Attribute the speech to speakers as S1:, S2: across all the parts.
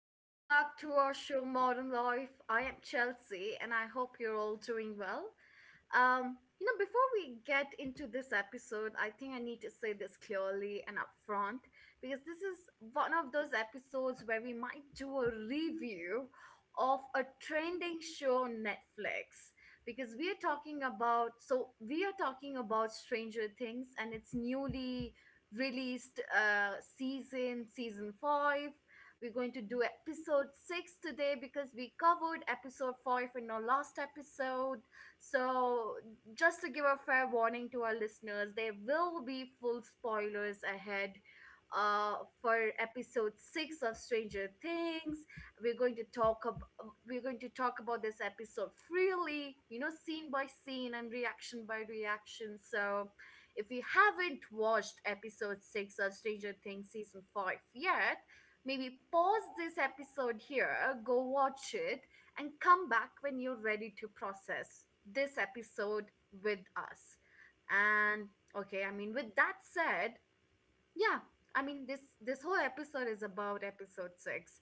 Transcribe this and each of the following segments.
S1: Welcome back to our show, Modern Life. I am Chelsea, and I hope you're all doing well. Before we get into this episode, I think I need to say this clearly and upfront, because this is one of those episodes where we might do a review of a trending show on Netflix, because we are talking about Stranger Things and its newly released season 5. We're going to do episode 6 today because we covered episode 5 in our last episode. So just to give a fair warning to our listeners, there will be full spoilers ahead uh for episode 6 of Stranger Things. We're going to talk about this episode freely, you know, scene by scene and reaction by reaction. So if you haven't watched episode 6 of Stranger Things season 5 yet, maybe pause this episode here, go watch it, and come back when you're ready to process this episode with us. And okay, I mean, with that said, yeah, I mean this whole episode is about episode six.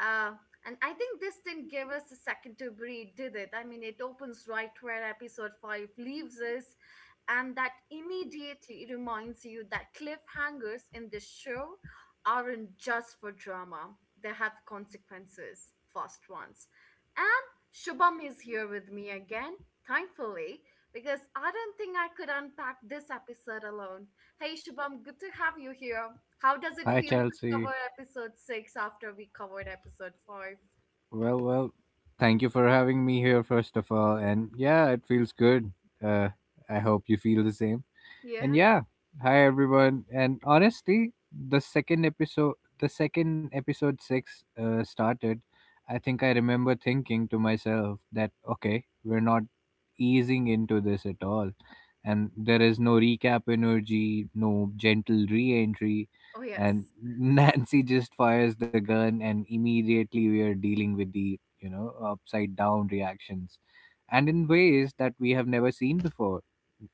S1: uh and I think this didn't give us a second to breathe, did it? I mean, it opens right where episode five leaves us, and that immediately reminds you that cliffhangers in this show aren't just for drama. They have consequences, fast ones. And Shubham is here with me again, thankfully, because I don't think I could unpack this episode alone. Hey Shubham, good to have you here. How does it
S2: Hi,
S1: feel to
S2: Chelsea.
S1: cover episode six after we covered episode five?
S2: Well, thank you for having me here, first of all. And yeah, it feels good. Uh, I hope you feel the same. And
S1: Yeah.
S2: yeah, hi everyone. And honestly, the second episode six started. I think I remember thinking to myself that okay, we're not easing into this at all, and there is no recap energy, no gentle re-entry,
S1: Oh yes.
S2: and Nancy just fires the gun, and immediately we are dealing with the upside down reactions, and in ways that we have never seen before.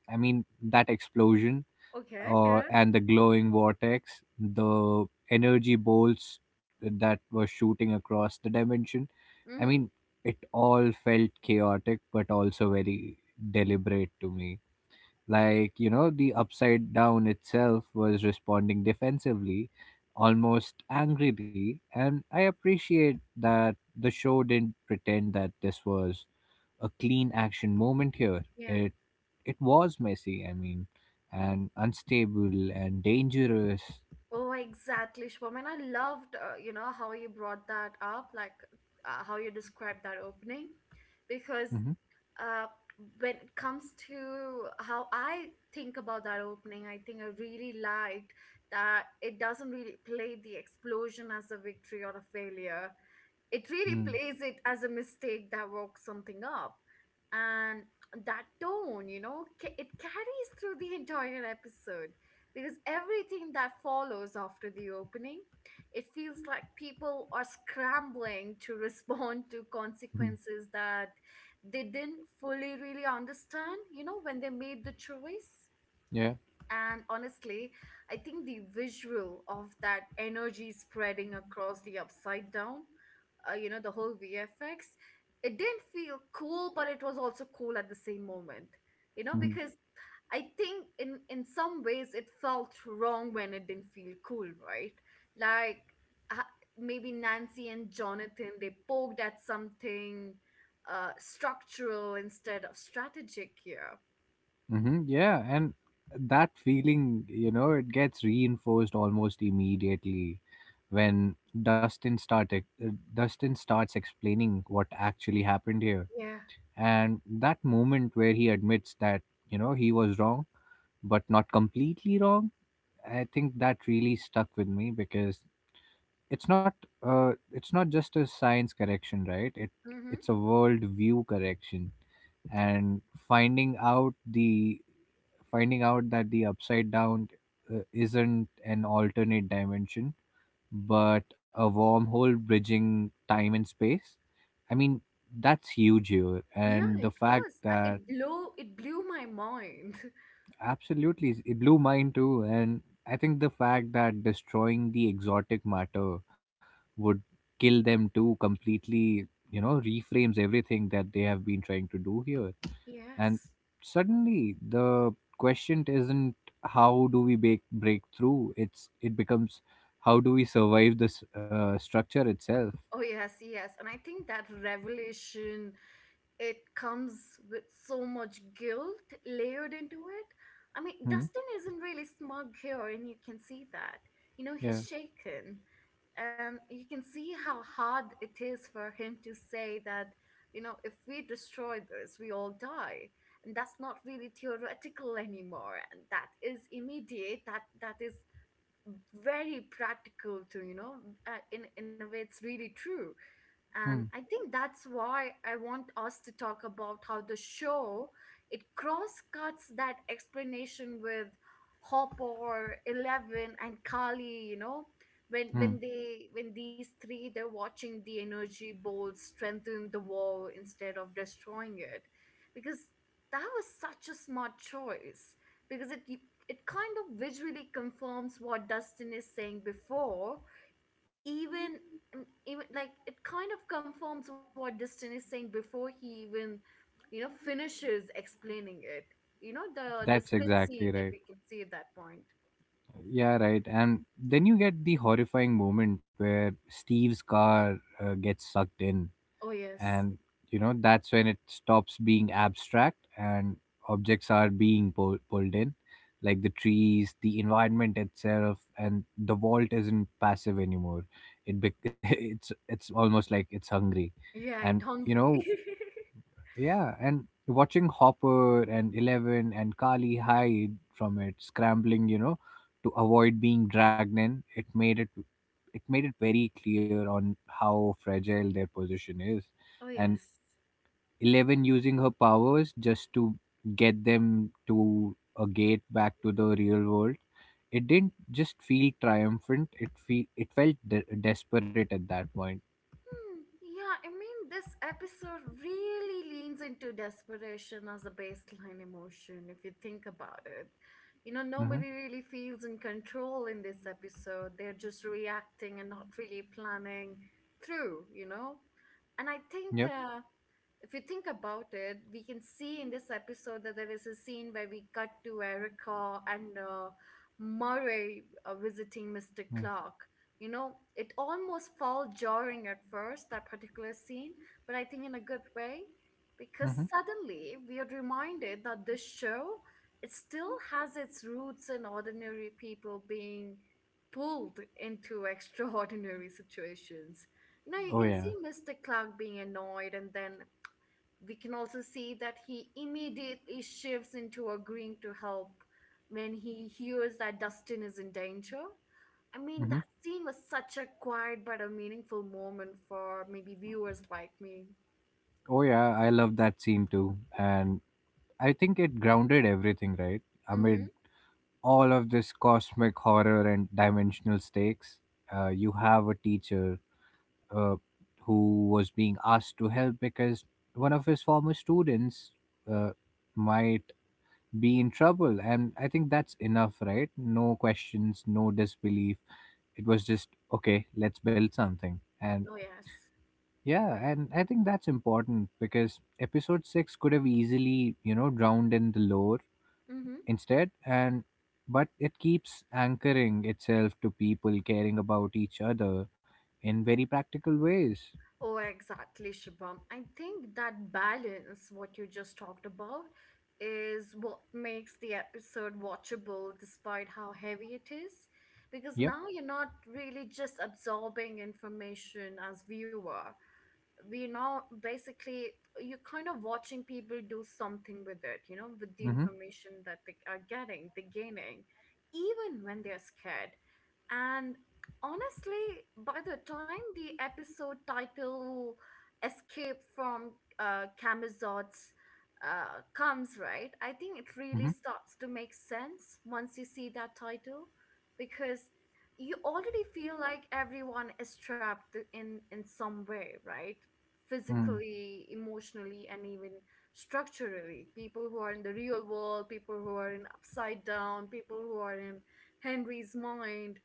S2: I mean, that explosion
S1: Okay. Yeah.
S2: and the glowing vortex, the energy bolts that were shooting across the dimension. I
S1: Mm-hmm.
S2: mean, it all felt chaotic, but also very deliberate to me. Like, you know, the upside down itself was responding defensively, almost angrily, and I appreciate that the show didn't pretend that this was a clean action moment here.
S1: Yeah.
S2: It was messy, I mean, and unstable and dangerous.
S1: Oh, exactly, Shubham. And I loved, you know, how you brought that up, like, how you described that opening, because,
S2: Mhm,
S1: uh, when it comes to how I think about that opening, I think I really liked that it doesn't really play the explosion as a victory or a failure. It really
S2: mm
S1: plays it as a mistake that works something up. And that tone, you know, it carries through the entire episode, because everything that follows after the opening, it feels like people are scrambling to respond to
S2: mhm,
S1: consequences that they didn't fully really understand, you know, when they made the choice.
S2: Yeah.
S1: And honestly, I think the visual of that energy spreading across the upside down, you know, the whole VFX, it didn't feel cool, but it was also cool at the same moment, you know,
S2: mhm,
S1: because I think in some ways it felt wrong when it didn't feel cool, right? Like, uh, maybe Nancy and Jonathan, they poked at something structural instead of strategic here.
S2: mhm, Yeah. And that feeling, you know, it gets reinforced almost immediately when Dustin starts explaining what actually happened here.
S1: Yeah.
S2: And that moment where he admits that, you know, he was wrong, but not completely wrong, I think that really stuck with me because it's not it's not just a science correction, right? It's a world view correction, and finding out the finding out that the upside down isn't an alternate dimension but a wormhole bridging time and space. I mean, that's huge here.
S1: Yeah,
S2: And the
S1: it
S2: fact
S1: was.
S2: that...
S1: It blew my mind.
S2: Absolutely, it blew mine too. And I think the fact that destroying the exotic matter would kill them too completely, you know, reframes everything that they have been trying to do here. And
S1: Yes.
S2: suddenly, the question isn't how do we break through. It becomes, how do we survive this structure itself.
S1: Oh yes, yes. And I think that revelation, it comes with so much guilt layered into it. I mean,
S2: Hmm.
S1: Dustin isn't really smug here, and you can see that. You know, he's
S2: Yeah.
S1: shaken. And you can see how hard it is for him to say that, you know, if we destroy this, we all die. And that's not really theoretical anymore, and that is immediate. That is very practical too, you know, in a way it's really true. And
S2: Hmm.
S1: I think that's why I want us to talk about how the show, it cross cuts that explanation with Hopper, 11, and Kali, you know, when
S2: Hmm.
S1: when they when these three, they're watching the energy bolt strengthen the wall instead of destroying it, because that was such a smart choice, because it kind of visually confirms what Dustin is saying before even, it kind of confirms what Destin is saying before he even, you know, finishes explaining it. You know, the
S2: That's
S1: split scene
S2: exactly
S1: that
S2: right.
S1: we can see at that point.
S2: Yeah, right. And then you get the horrifying moment where Steve's car gets sucked in,
S1: Oh yes,
S2: and you know that's when it stops being abstract and objects are being pulled in, like the trees, the environment itself, and the vault isn't passive anymore. It bec It's almost like it's hungry,
S1: yeah,
S2: and
S1: it
S2: you
S1: hungry.
S2: know. Yeah, and watching Hopper and Eleven and Kali hide from it, scrambling, you know, to avoid being dragged in, it made it very clear on how fragile their position is.
S1: Oh
S2: And
S1: yes.
S2: Eleven using her powers just to get them to a gate back to the real world. It didn't just feel triumphant. It felt desperate at that point.
S1: Hmm, yeah, I mean, this episode really leans into desperation as a baseline emotion if you think about it. You know,
S2: Mm-hmm.
S1: nobody really feels in control in this episode. They're just reacting and not really planning through, you know? And I think,
S2: Yep.
S1: if you think about it, we can see in this episode that there is a scene where we cut to Erica and, Murray visiting Mr.
S2: Mm-hmm.
S1: Clark. You know, it almost felt jarring at first, that particular scene, but I think in a good way, because
S2: Mm-hmm.
S1: suddenly we are reminded that this show, it still has its roots in ordinary people being pulled into extraordinary situations. You know, you
S2: Oh
S1: can
S2: yeah.
S1: see Mr. Clark being annoyed, and then we can also see that he immediately shifts into agreeing to help when he hears that Dustin is in danger. I mean,
S2: Mm-hmm.
S1: that scene was such a quiet but a meaningful moment for maybe viewers like me.
S2: Oh yeah, I love that scene too. And I think it grounded everything, right?
S1: Mm-hmm.
S2: Amid all of this cosmic horror and dimensional stakes, you have a teacher uh, who was being asked to help because one of his former students uh, might be in trouble. And I think that's enough, right? No questions, no disbelief. It was just, okay, let's build something. And
S1: Oh, yes.
S2: yeah, and I think that's important because episode 6 could have easily, you know, drowned in the lore
S1: Mm-hmm.
S2: instead, and but it keeps anchoring itself to people caring about each other in very practical ways.
S1: Oh, exactly, Shubham. I think that balance, what you just talked about, is what makes the episode watchable despite how heavy it is. Because
S2: Yep.
S1: now you're not really just absorbing information as viewer, we now basically, you're kind of watching people do something with it, you know, with the
S2: Mhm.
S1: information that they are getting, they're gaining, even when they're scared. And honestly, by the time the episode title, escape from Camazot's," comes, right, I think it really
S2: Mhm.
S1: starts to make sense once you see that title, because you already feel like everyone is trapped in some way, right?
S2: Mm.
S1: Physically, emotionally, and even structurally. People who are in the real world, people who are in upside down, people who are in Henry's mind,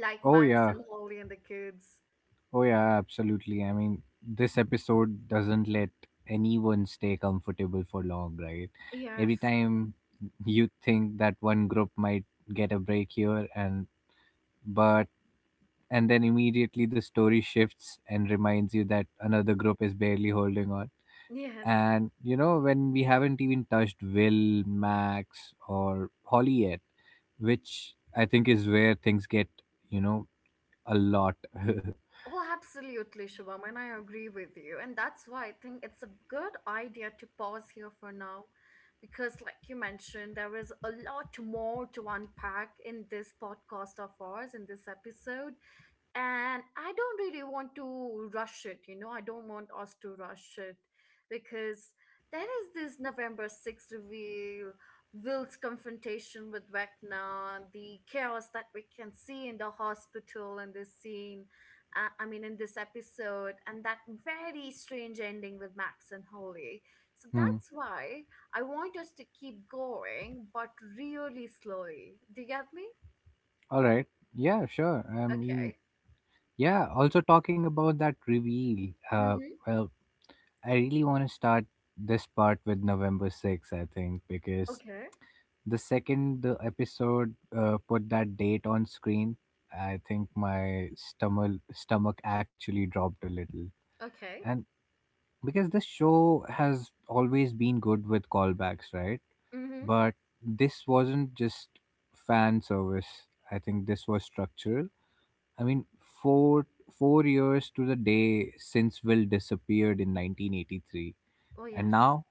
S1: like
S2: Oh
S1: Max
S2: yeah.
S1: and Holly and the kids.
S2: Oh yeah, absolutely. I mean, this episode doesn't let anyone stay comfortable for long, right? Every
S1: Yes,
S2: time you think that one group might get a break here but and then immediately the story shifts and reminds you that another group is barely holding on,
S1: yes.
S2: and you know, when we haven't even touched Will, Max or Holly yet, which I think is where things get, you know, a lot.
S1: Oh, absolutely, Shubham, and I agree with you. And that's why I think it's a good idea to pause here for now, because, like you mentioned, there is a lot more to unpack in this podcast of ours, in this episode. And I don't really want to rush it, you know, I don't want us to rush it, because there is this November 6th reveal, Will's confrontation with Vecna, the chaos that we can see in the hospital in this scene, I mean in this episode, and that very strange ending with Max and Holly. So
S2: Hmm.
S1: that's why I want us to keep going, but really slowly. Do you get me?
S2: All right, yeah sure, I mean,
S1: Okay.
S2: yeah, also talking about that reveal,
S1: Mm-hmm.
S2: well, I really want to start this part with November 6th, I think, because...
S1: Okay.
S2: The second the episode put that date on screen, I think my stomach actually dropped a little.
S1: Okay.
S2: And Because this show has always been good with callbacks, right?
S1: Mm-hmm.
S2: But this wasn't just fan service. I think this was structural. I mean, four years to the day since Will disappeared in 1983,
S1: Oh,
S2: and
S1: yes.
S2: now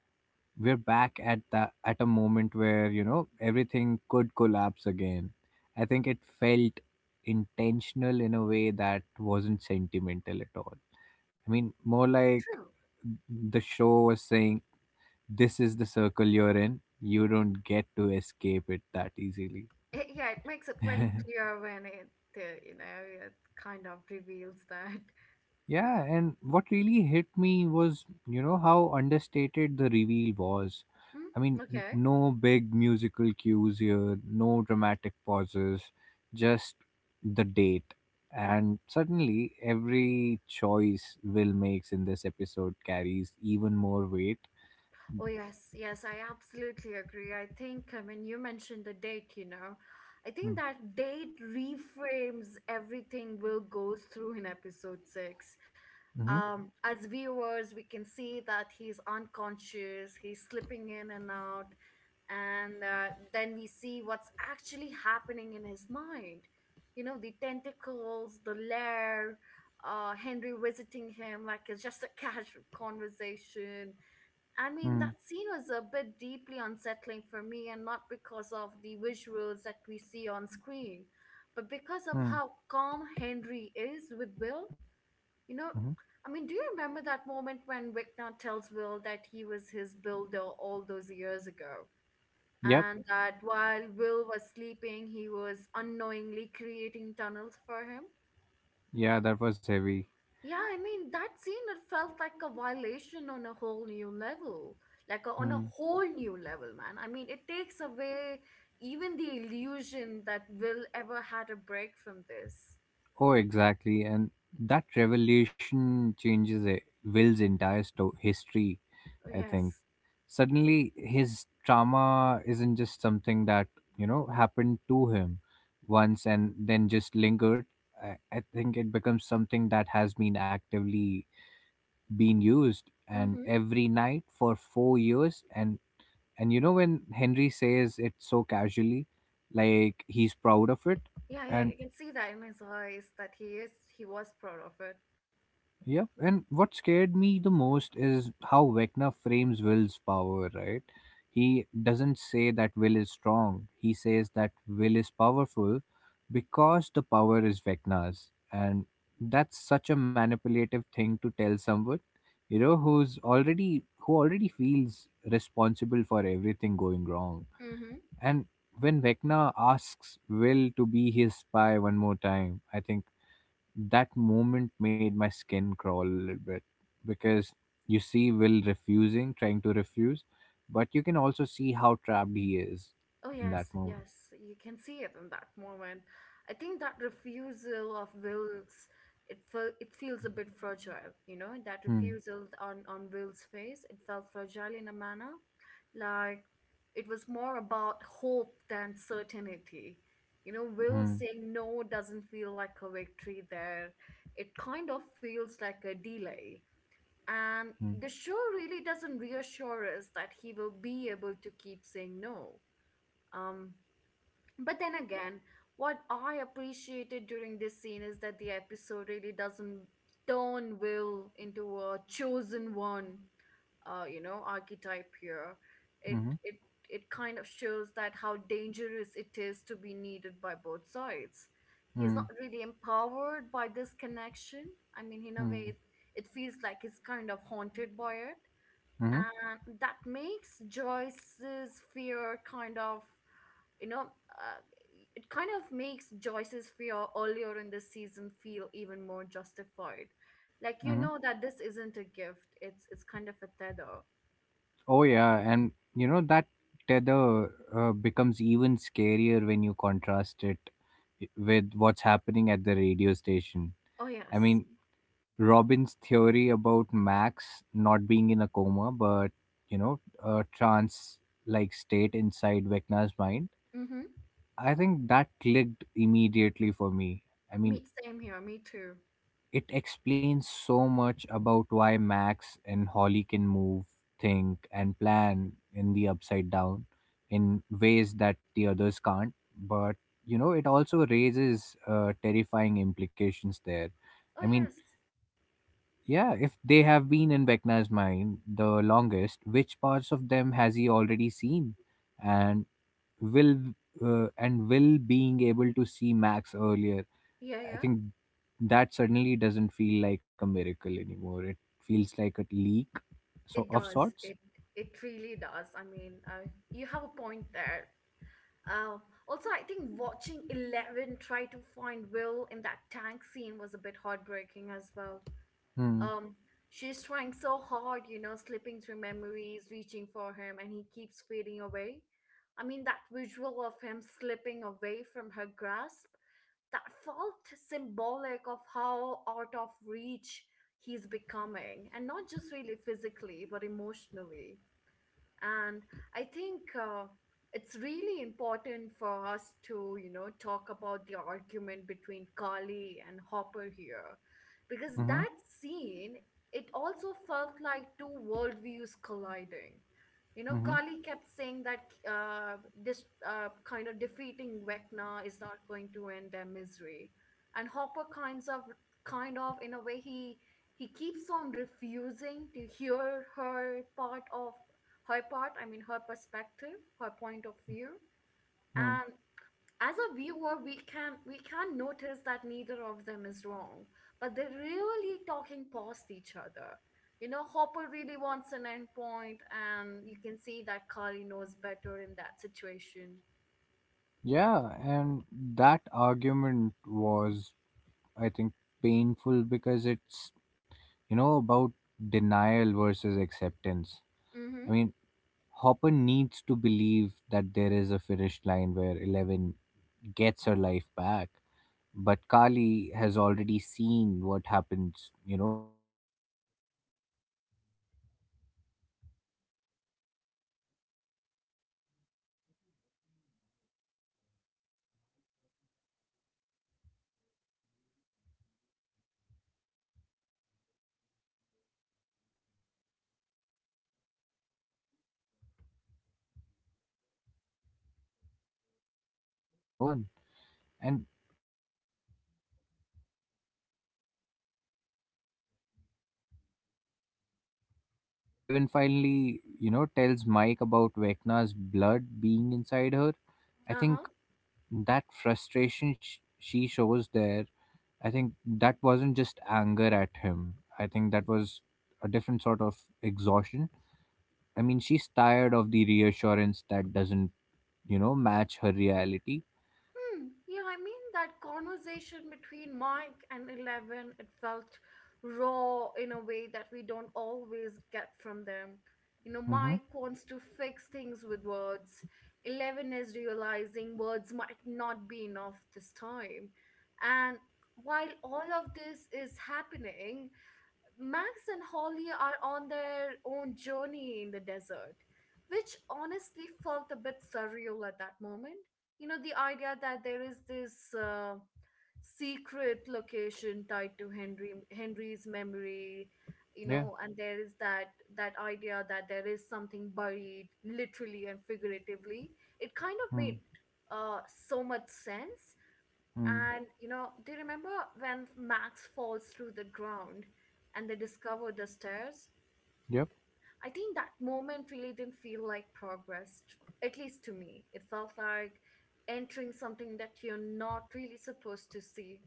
S2: we're back at the at a moment where, you know, everything could collapse again. I think it felt intentional in a way that wasn't sentimental at all. I mean, more like
S1: True.
S2: the show was saying, this is the circle you're in, you don't get to escape it that easily.
S1: It, yeah, it makes it very clear when it, you know, it kind of reveals that.
S2: Yeah, and what really hit me was, you know, how understated the reveal was. I mean,
S1: Mm, okay.
S2: no big musical cues here, no dramatic pauses, just the date. And suddenly, every choice Will makes in this episode carries even more weight.
S1: Oh, yes. Yes, I absolutely agree. I think, I mean, you mentioned the date, you know, I think
S2: Mm-hmm.
S1: that date reframes everything Will goes through in episode six. Hmm.
S2: Mm-hmm.
S1: As viewers, we can see that he's unconscious, he's slipping in and out, and, then we see what's actually happening in his mind, you know, the tentacles, the lair, Henry visiting him like it's just a casual conversation. I mean,
S2: hmm,
S1: that scene was a bit deeply unsettling for me, and not because of the visuals that we see on screen, but because of
S2: hmm,
S1: how calm Henry is with Will, you know.
S2: Mm-hmm.
S1: I mean, do you remember that moment when Victor tells Will that he was his builder all those years ago,
S2: Yep.
S1: and that while Will was sleeping, he was unknowingly creating tunnels for him.
S2: Yeah, that was heavy.
S1: Yeah, I mean, that scene, it felt like a violation on a whole new level. Like a, on a
S2: Hmm.
S1: whole new level, man. I mean, it takes away even the illusion that Will ever had a break from this.
S2: Oh, exactly. And that revelation changes Will's entire history,
S1: Oh,
S2: I think.
S1: yes.
S2: Suddenly, his trauma isn't just something that, you know, happened to him once and then just lingered. I think it becomes something that has been actively being used and
S1: Mm-hmm.
S2: every night for 4 years. And you know, when Henry says it so casually, like he's proud of it.
S1: Yeah, yeah,
S2: And
S1: you can see that in his eyes that he is, he was proud of it.
S2: yep, and what scared me the most is how Vecna frames Will's power, right? He doesn't say that Will is strong. He says that Will is powerful because the power is Vecna's. And that's such a manipulative thing to tell someone, you know, who already feels responsible for everything going wrong.
S1: Mm-hmm.
S2: And when Vecna asks Will to be his spy one more time, I think that moment made my skin crawl a little bit because you see Will refusing, trying to refuse, but you can also see how trapped he is
S1: Oh,
S2: in
S1: yes,
S2: that moment.
S1: yes, you can see it in that moment. I think that refusal of Will's, it felt, it feels a bit fragile, you know, that
S2: Hmm.
S1: refusal on Will's face, it felt fragile in a manner, like it was more about hope than certainty. You know, Will
S2: Hmm.
S1: saying no doesn't feel like a victory there. It kind of feels like a delay. And
S2: Hmm.
S1: the show really doesn't reassure us that he will be able to keep saying no. Um, but then again, what I appreciated during this scene is that the episode really doesn't turn Will into a chosen one, you know, archetype here. It
S2: Hmm.
S1: it it kind of shows that how dangerous it is to be needed by both sides. He's
S2: Hmm.
S1: not really empowered by this connection. I mean, in a
S2: Hmm.
S1: way, it feels like he's kind of haunted by it,
S2: Hmm.
S1: and that makes Joyce's fear kind of you know uh, it kind of makes Joyce's fear earlier in the season feel even more justified. Like,
S2: hmm.
S1: you know that this isn't a gift, it's kind of a tether.
S2: Oh yeah, and you know that tether becomes even scarier when you contrast it with what's happening at the radio station.
S1: Oh
S2: I
S1: yes.
S2: mean, Robin's theory about Max not being in a coma, but, you know, a trance like state inside Vecna's mind,
S1: Mm-hmm.
S2: I think that clicked immediately for me. I
S1: me
S2: mean,
S1: same here me too
S2: it explains so much about why Max and Holly can move, think, and plan in the upside down in ways that the others can't. But, you know, it also raises terrifying implications there.
S1: Oh
S2: I
S1: yes.
S2: mean, yeah, if they have been in Vecna's mind the longest, which parts of them has he already seen, and will and will being able to see Max earlier?
S1: Yeah,
S2: I
S1: yeah,
S2: think that suddenly doesn't feel like a miracle anymore. It feels like a leak, so
S1: it
S2: of
S1: does
S2: sorts.
S1: it it really does. I mean, you have a point there. uh, Also, I think watching 11 try to find Will in that tank scene was a bit heartbreaking as well.
S2: Hmm.
S1: Um, she's trying so hard, you know, slipping through memories, reaching for him, and he keeps fading away. I mean, that visual of him slipping away from her grasp, that felt symbolic of how out of reach he's becoming, and not just really physically, but emotionally. And I think it's really important for us to, you know, talk about the argument between Carly and Hopper here, because
S2: Hmm.
S1: that scene, it also felt like two worldviews colliding. You know,
S2: Hmm.
S1: Carly kept saying that this kind of defeating Vecna is not going to end their misery, and Hopper kind of, in a way, he keeps on refusing to hear her part. I mean, her perspective, her point of view.
S2: Hmm.
S1: And as a viewer, we can notice that neither of them is wrong, but they're really talking past each other. You know, Hopper really wants an end point, and you can see that Carly knows better in that situation.
S2: Yeah, and that argument was, I think, painful because it's, you know, about denial versus acceptance.
S1: Mm-hmm.
S2: I mean, Hopper needs to believe that there is a finish line where Eleven gets her life back. But Kali has already seen what happens, you know, when systems don't stop just because one villain is gone. And and also watching Mike, uh, Mike watching that argument, I think it clearly confused and over. Uh, Mike being clearly confused and overwhelmed, it was such a subtle but important detail there. I think he's trying to stay hopeful for 11, but, you know, he doesn't have the language yet to understand what she's actually facing. And when 11 finally, you know, tells Mike about Vecna's blood being inside her, I
S1: Uh-huh.
S2: think that frustration she shows there, I think that wasn't just anger at him. I think that was a different sort of exhaustion. I mean, she's tired of the reassurance that doesn't, you know, match her reality.
S1: Hmm. Yeah, I mean that conversation between Mike and 11, it felt raw in a way that we don't always get from them. You know,
S2: Mm-hmm.
S1: Mike wants to fix things with words. 11 is realizing words might not be enough this time. And while all of this is happening, Max and Holly are on their own journey in the desert, which honestly felt a bit surreal at that moment. You know, the idea that there is this secret location tied to Henry's memory, you
S2: Yeah.
S1: know, and there is that idea that there is something buried, literally and figuratively. It kind of made uh, so much sense.
S2: Mm-hmm.
S1: And you know, do you remember when Max falls through the ground and they discover the stairs?
S2: Yep.
S1: I think that moment really didn't feel like progress, at least to me. It felt like entering something that you're not really supposed to see.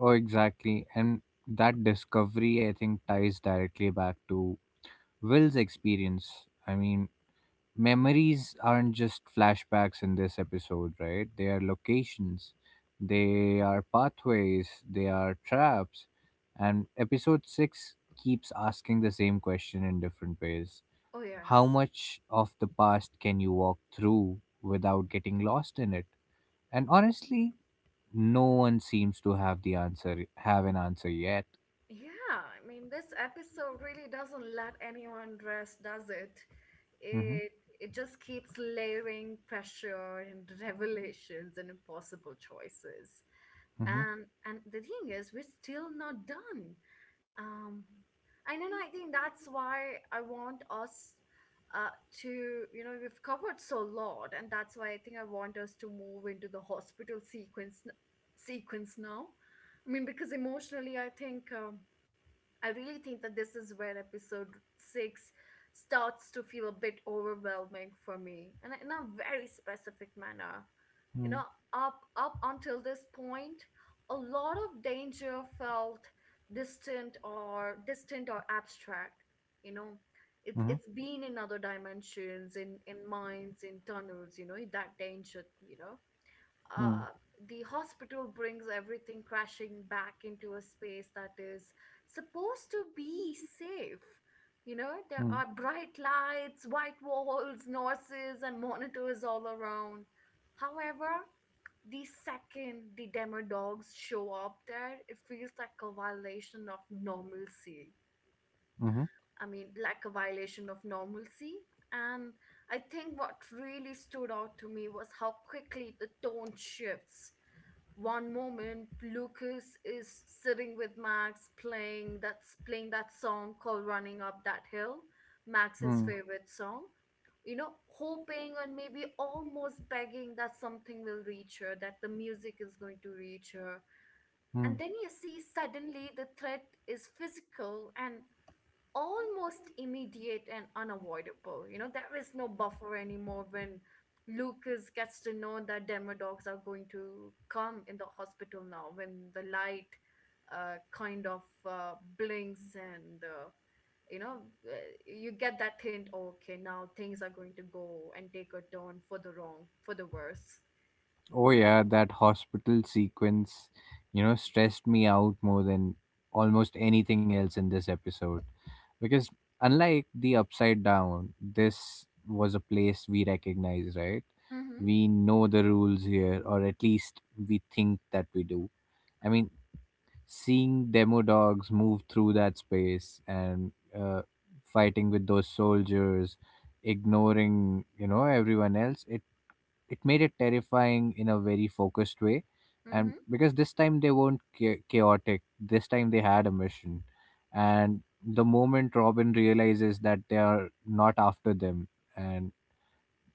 S2: Oh, exactly. And that discovery, I think, ties directly back to Will's experience. I mean, memories aren't just flashbacks in this episode, right? They are locations, they are pathways, they are traps. And episode 6 keeps asking the same question in different ways.
S1: Oh,
S2: How
S1: yes.
S2: much of the past can you walk through without getting lost in it? And honestly, no one seems to have an answer yet.
S1: Yeah, I mean, this episode really doesn't let anyone rest, does it?
S2: Mm-hmm.
S1: It it just keeps layering pressure and revelations and impossible choices. And the thing is, we're still not done. Um, and then I think that's why I want us uh, to, you know, we've covered so lot, and that's why I think I want us to move into the hospital sequence now. I mean, because emotionally, I think. I really think that this is where episode six starts to feel a bit overwhelming for me, and in a very specific manner. You know,
S2: Mm-hmm.
S1: up until this point, a lot of danger felt distant or abstract. You know, it's
S2: Mm-hmm.
S1: been in other dimensions, in mines, in tunnels. You know, that danger. You know, uh,
S2: Mm-hmm.
S1: the hospital brings everything crashing back into a space that is supposed to be safe. You know,
S2: Mm-hmm.
S1: there
S2: Mm-hmm.
S1: are bright lights, white walls, nurses, and monitors all around. However, the second the demo dogs show up there, it feels like a violation of normalcy.
S2: Mm-hmm.
S1: I mean, like a violation of normalcy. And I think what really stood out to me was how quickly the tone shifts. One moment Lucas is sitting with Max playing that song called Running Up That Hill, Max's
S2: Mm-hmm.
S1: favorite song. You know, hoping and maybe almost begging that something will reach her, that the music is going to reach her. And then you see suddenly the threat is physical and almost immediate and unavoidable. You know, there is no buffer anymore when Lucas gets to know that Denver dogs are going to come in the hospital now, when the light kind of blinks, and, you know, uh, you get that hint, okay, now things are going to go and take a turn for the wrong, for the worse.
S2: Oh yeah, that hospital sequence, you know, stressed me out more than almost anything else in this episode. Because unlike the upside down, this was a place we recognize, right?
S1: Mm-hmm.
S2: We know the rules here, or at least we think that we do. I mean, seeing demo dogs move through that space and fighting with those soldiers, ignoring, everyone else, it made it terrifying in a very focused way, and because this time they weren't chaotic, this time they had a mission. And the moment Robin realizes that they are not after them, and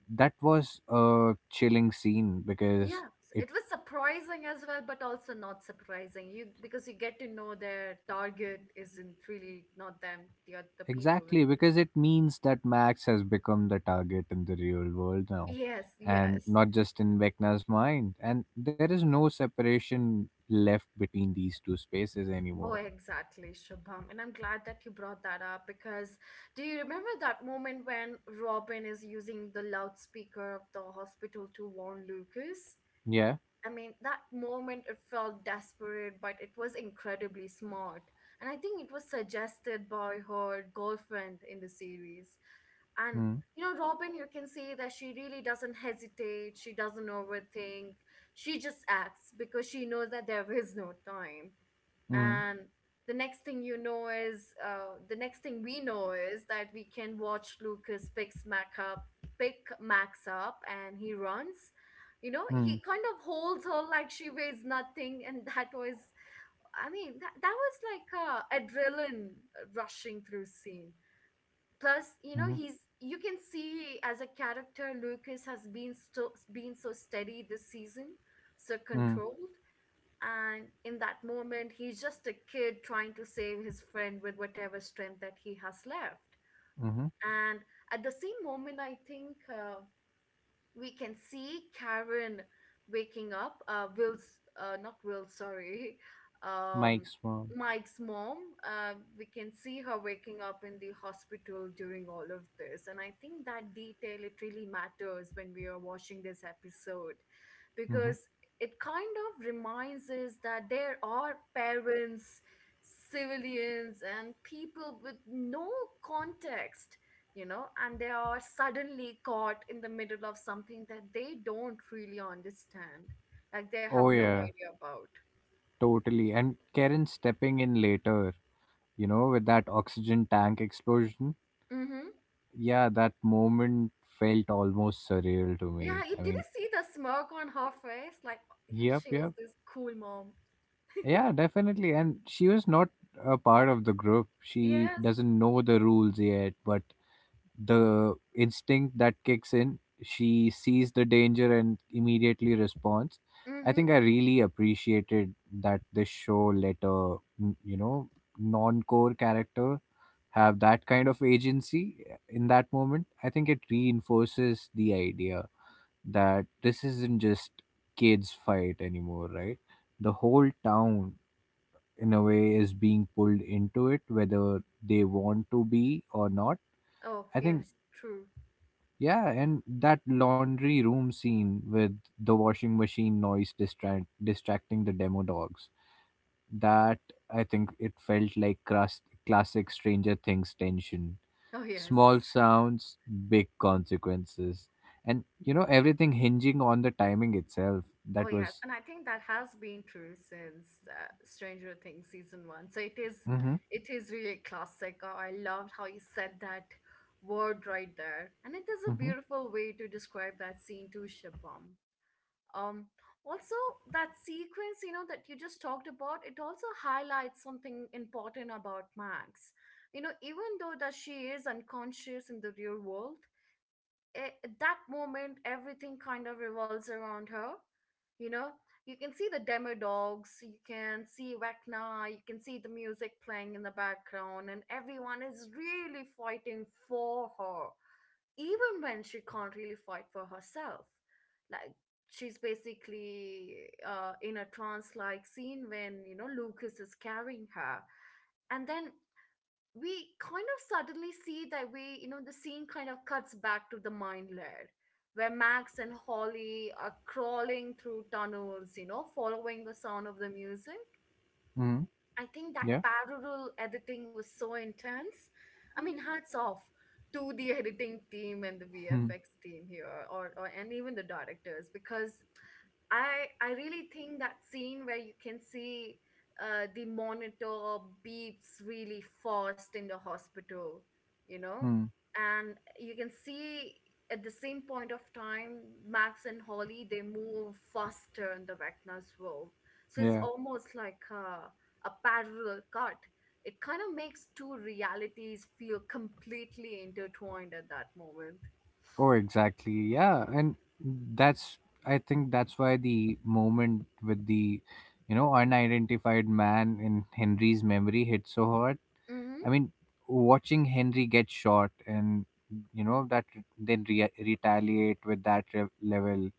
S2: that was a chilling scene, because—
S1: Yes,
S2: it
S1: it was surprising as well, but also not surprising. You, because you get to know their target isn't really not them, the other people. Like—
S2: exactly, because it means that Max has become the target in the real world now,
S1: Yes,
S2: and
S1: yes.
S2: not just in Vecna's mind, and there is no separation left between these two spaces
S1: Oh,
S2: anymore.
S1: exactly, Shubham. And I'm glad that you brought that up because do you remember that moment when Robin is using the loudspeaker of the hospital to warn Lucas?
S2: Yeah.
S1: I mean, that moment it felt desperate, but it was incredibly smart. And I think it was suggested by her girlfriend in the series. And,
S2: Hmm.
S1: you know, Robin, you can see that she really doesn't hesitate, she doesn't overthink, she just acts because she knows that there is no time.
S2: Mm,
S1: And the next thing we know is that we can watch Lucas picks Mac up, pick Max up, and he runs. You know, he
S2: mm,
S1: kind of holds her like she weighs nothing, and that was, I mean, that was like a adrenaline rushing through scene. Plus, you know,
S2: mm,
S1: he's you can see as a character Lucas has been so steady this season, so
S2: mm,
S1: controlled. And in that moment, he's just a kid trying to save his friend with whatever strength that he has left.
S2: mm.
S1: And at the same moment, I think. We can see Karen waking up. Will's, not Will, sorry, um,
S2: Mike's mom.
S1: Mike's mom. We can see her waking up in the hospital during all of this, and I think that detail it really matters when we are watching this episode,
S2: Hmm.
S1: because it kind of reminds us that there are parents, civilians, and people with no context, you know, and they are suddenly caught in the middle of something that they don't really understand, like they have
S2: Oh
S1: no Yeah.
S2: yeah,
S1: idea about.
S2: totally. And Karen stepping in later, with that oxygen tank explosion.
S1: Mm-hmm.
S2: Yeah, that moment felt almost surreal to
S1: Yeah,
S2: me. I mean,
S1: you see the smirk on her face? Like, yeah,
S2: yep,
S1: she was
S2: yep.
S1: this cool mom.
S2: Yeah, definitely. And she was not a part of the group. She
S1: Yes.
S2: doesn't know the rules yet, but the instinct that kicks in, she sees the danger and immediately responds. I
S1: Mm-hmm.
S2: think I really appreciated that this show let a n- you know non-core character have that kind of agency in that moment. I think it reinforces the idea that this isn't just kids fight anymore, right? The whole town, in a way, is being pulled into it whether they want to be or not.
S1: Oh,
S2: I think,
S1: yes, true.
S2: yeah, and that laundry room scene with the washing machine noise distracting the demo dogs. That— I think it felt like classic Stranger Things tension.
S1: Oh, yes.
S2: Small sounds, big consequences, and everything hinging on the timing itself.
S1: Oh,
S2: That
S1: yes.
S2: was.
S1: And I think that has been true since Stranger Things season one. So
S2: Mm-hmm.
S1: it is really classic. Oh, I loved how you said that word right there. And it is a
S2: Mm-hmm.
S1: beautiful way to describe that scene to Shibam. Um, Also, that sequence, you know, that you just talked about, it also highlights something important about Max. You know, even though that she is unconscious in the real world, at that moment everything kind of revolves around her. You know, you can see the demo dogs, you can see Vecna, you can see the music playing in the background, and everyone is really fighting for her, even when she can't really fight for herself. Like, she's basically in a trance like scene when, you know, Lucas is carrying her. And then we kind of suddenly see that you know, the scene kind of cuts back to the mine lair where Max and Holly are crawling through tunnels, you know, following the sound of the music.
S2: Mm-hmm.
S1: I think that
S2: Yeah.
S1: parallel editing was so intense. I mean, hats off to the editing team and the VFX team here, or and even the directors, because I really think that scene where you can see the monitor beeps really fast in the hospital, you know,
S2: Mm-hmm.
S1: and you can see at the same point of time Max and Holly they move faster in the Vecna's world, so it's
S2: Yeah.
S1: almost like a parallel cut. It kind of makes two realities feel completely intertwined at that moment.
S2: Oh, exactly. Yeah, and that's I think that's why the moment with the unidentified man in Henry's memory hit so hard.
S1: Mm-hmm.
S2: I mean, watching Henry get shot and you know that, then retaliate with that level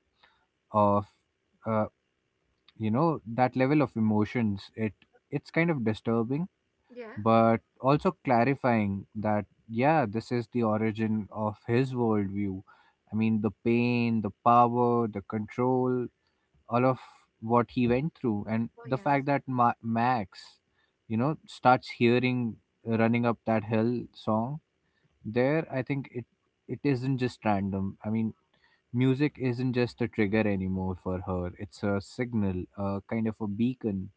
S2: of, uh, that level of emotions, it's kind of disturbing,
S1: Yeah.
S2: but also clarifying that, yeah, this is the origin of his worldview. I mean, the pain, the power, the control, all of what he went through, and
S1: Oh
S2: the
S1: yes.
S2: fact that Max, starts hearing Running Up That Hill song there, I think, it isn't just random. I mean, music isn't just a trigger anymore for her, it's a signal, a kind of a beacon,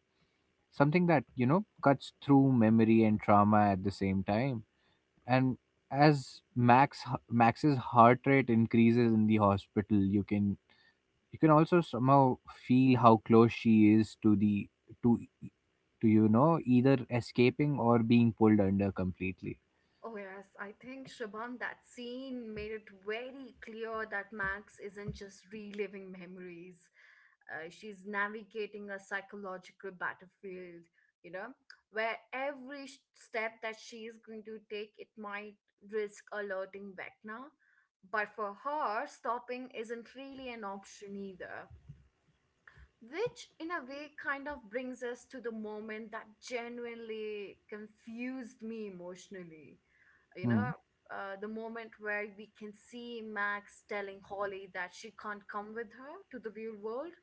S2: something that, cuts through memory and trauma at the same time. And as Max's heart rate increases in the hospital, you can also somehow feel how close she is to the to to you know either escaping or being pulled under completely.
S1: Oh, yes. I think, Shubham, that scene made it very clear that Max isn't just reliving memories. She's navigating a psychological battlefield, you know, where every step that she is going to take, it might risk alerting Vecna. But for her, stopping isn't really an option either. Which, in a way, kind of brings us to the moment that genuinely confused me emotionally. You
S2: Hmm.
S1: know, the moment where we can see Max telling Holly that she can't come with her to the real world.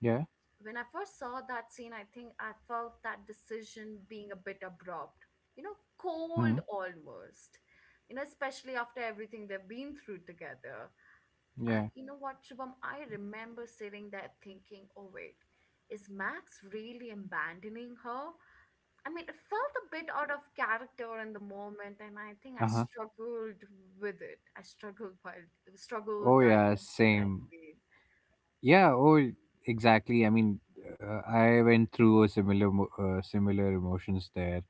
S2: Yeah.
S1: When I first saw that scene, I think I felt that decision being a bit abrupt, you know,
S2: Hmm.
S1: cold almost, you know, especially after everything they've been through together. I,
S2: Yeah.
S1: you know what, Shubham, I remember sitting there thinking, oh wait, is Max really abandoning her? I mean, it felt a bit out of character in the moment, and I think I
S2: Uh-huh.
S1: struggled with it. I struggled while Struggled
S2: Oh yeah,
S1: digesting that
S2: same.
S1: scene.
S2: Yeah. Oh, exactly. I mean, I went through a similar similar emotions there.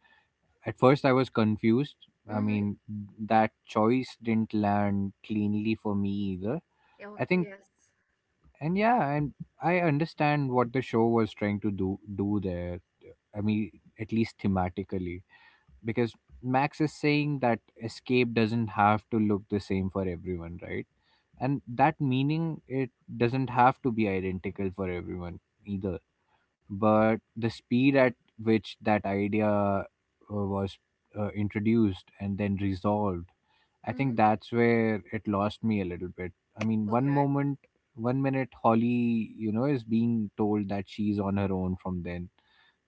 S2: At first, I was confused. I
S1: Mm-hmm.
S2: mean, that choice didn't land cleanly for me either.
S1: Oh
S2: I think,
S1: yes.
S2: and yeah, and I understand what the show was trying to do there. I mean, at least thematically, because Max is saying that escape doesn't have to look the same for everyone, right? And that meaning it doesn't have to be identical for everyone either. But the speed at which that idea, was, introduced and then resolved, I think
S1: Mm-hmm.
S2: that's where it lost me a little bit. I mean, one
S1: Okay.
S2: moment, one minute, Holly, is being told that she's on her own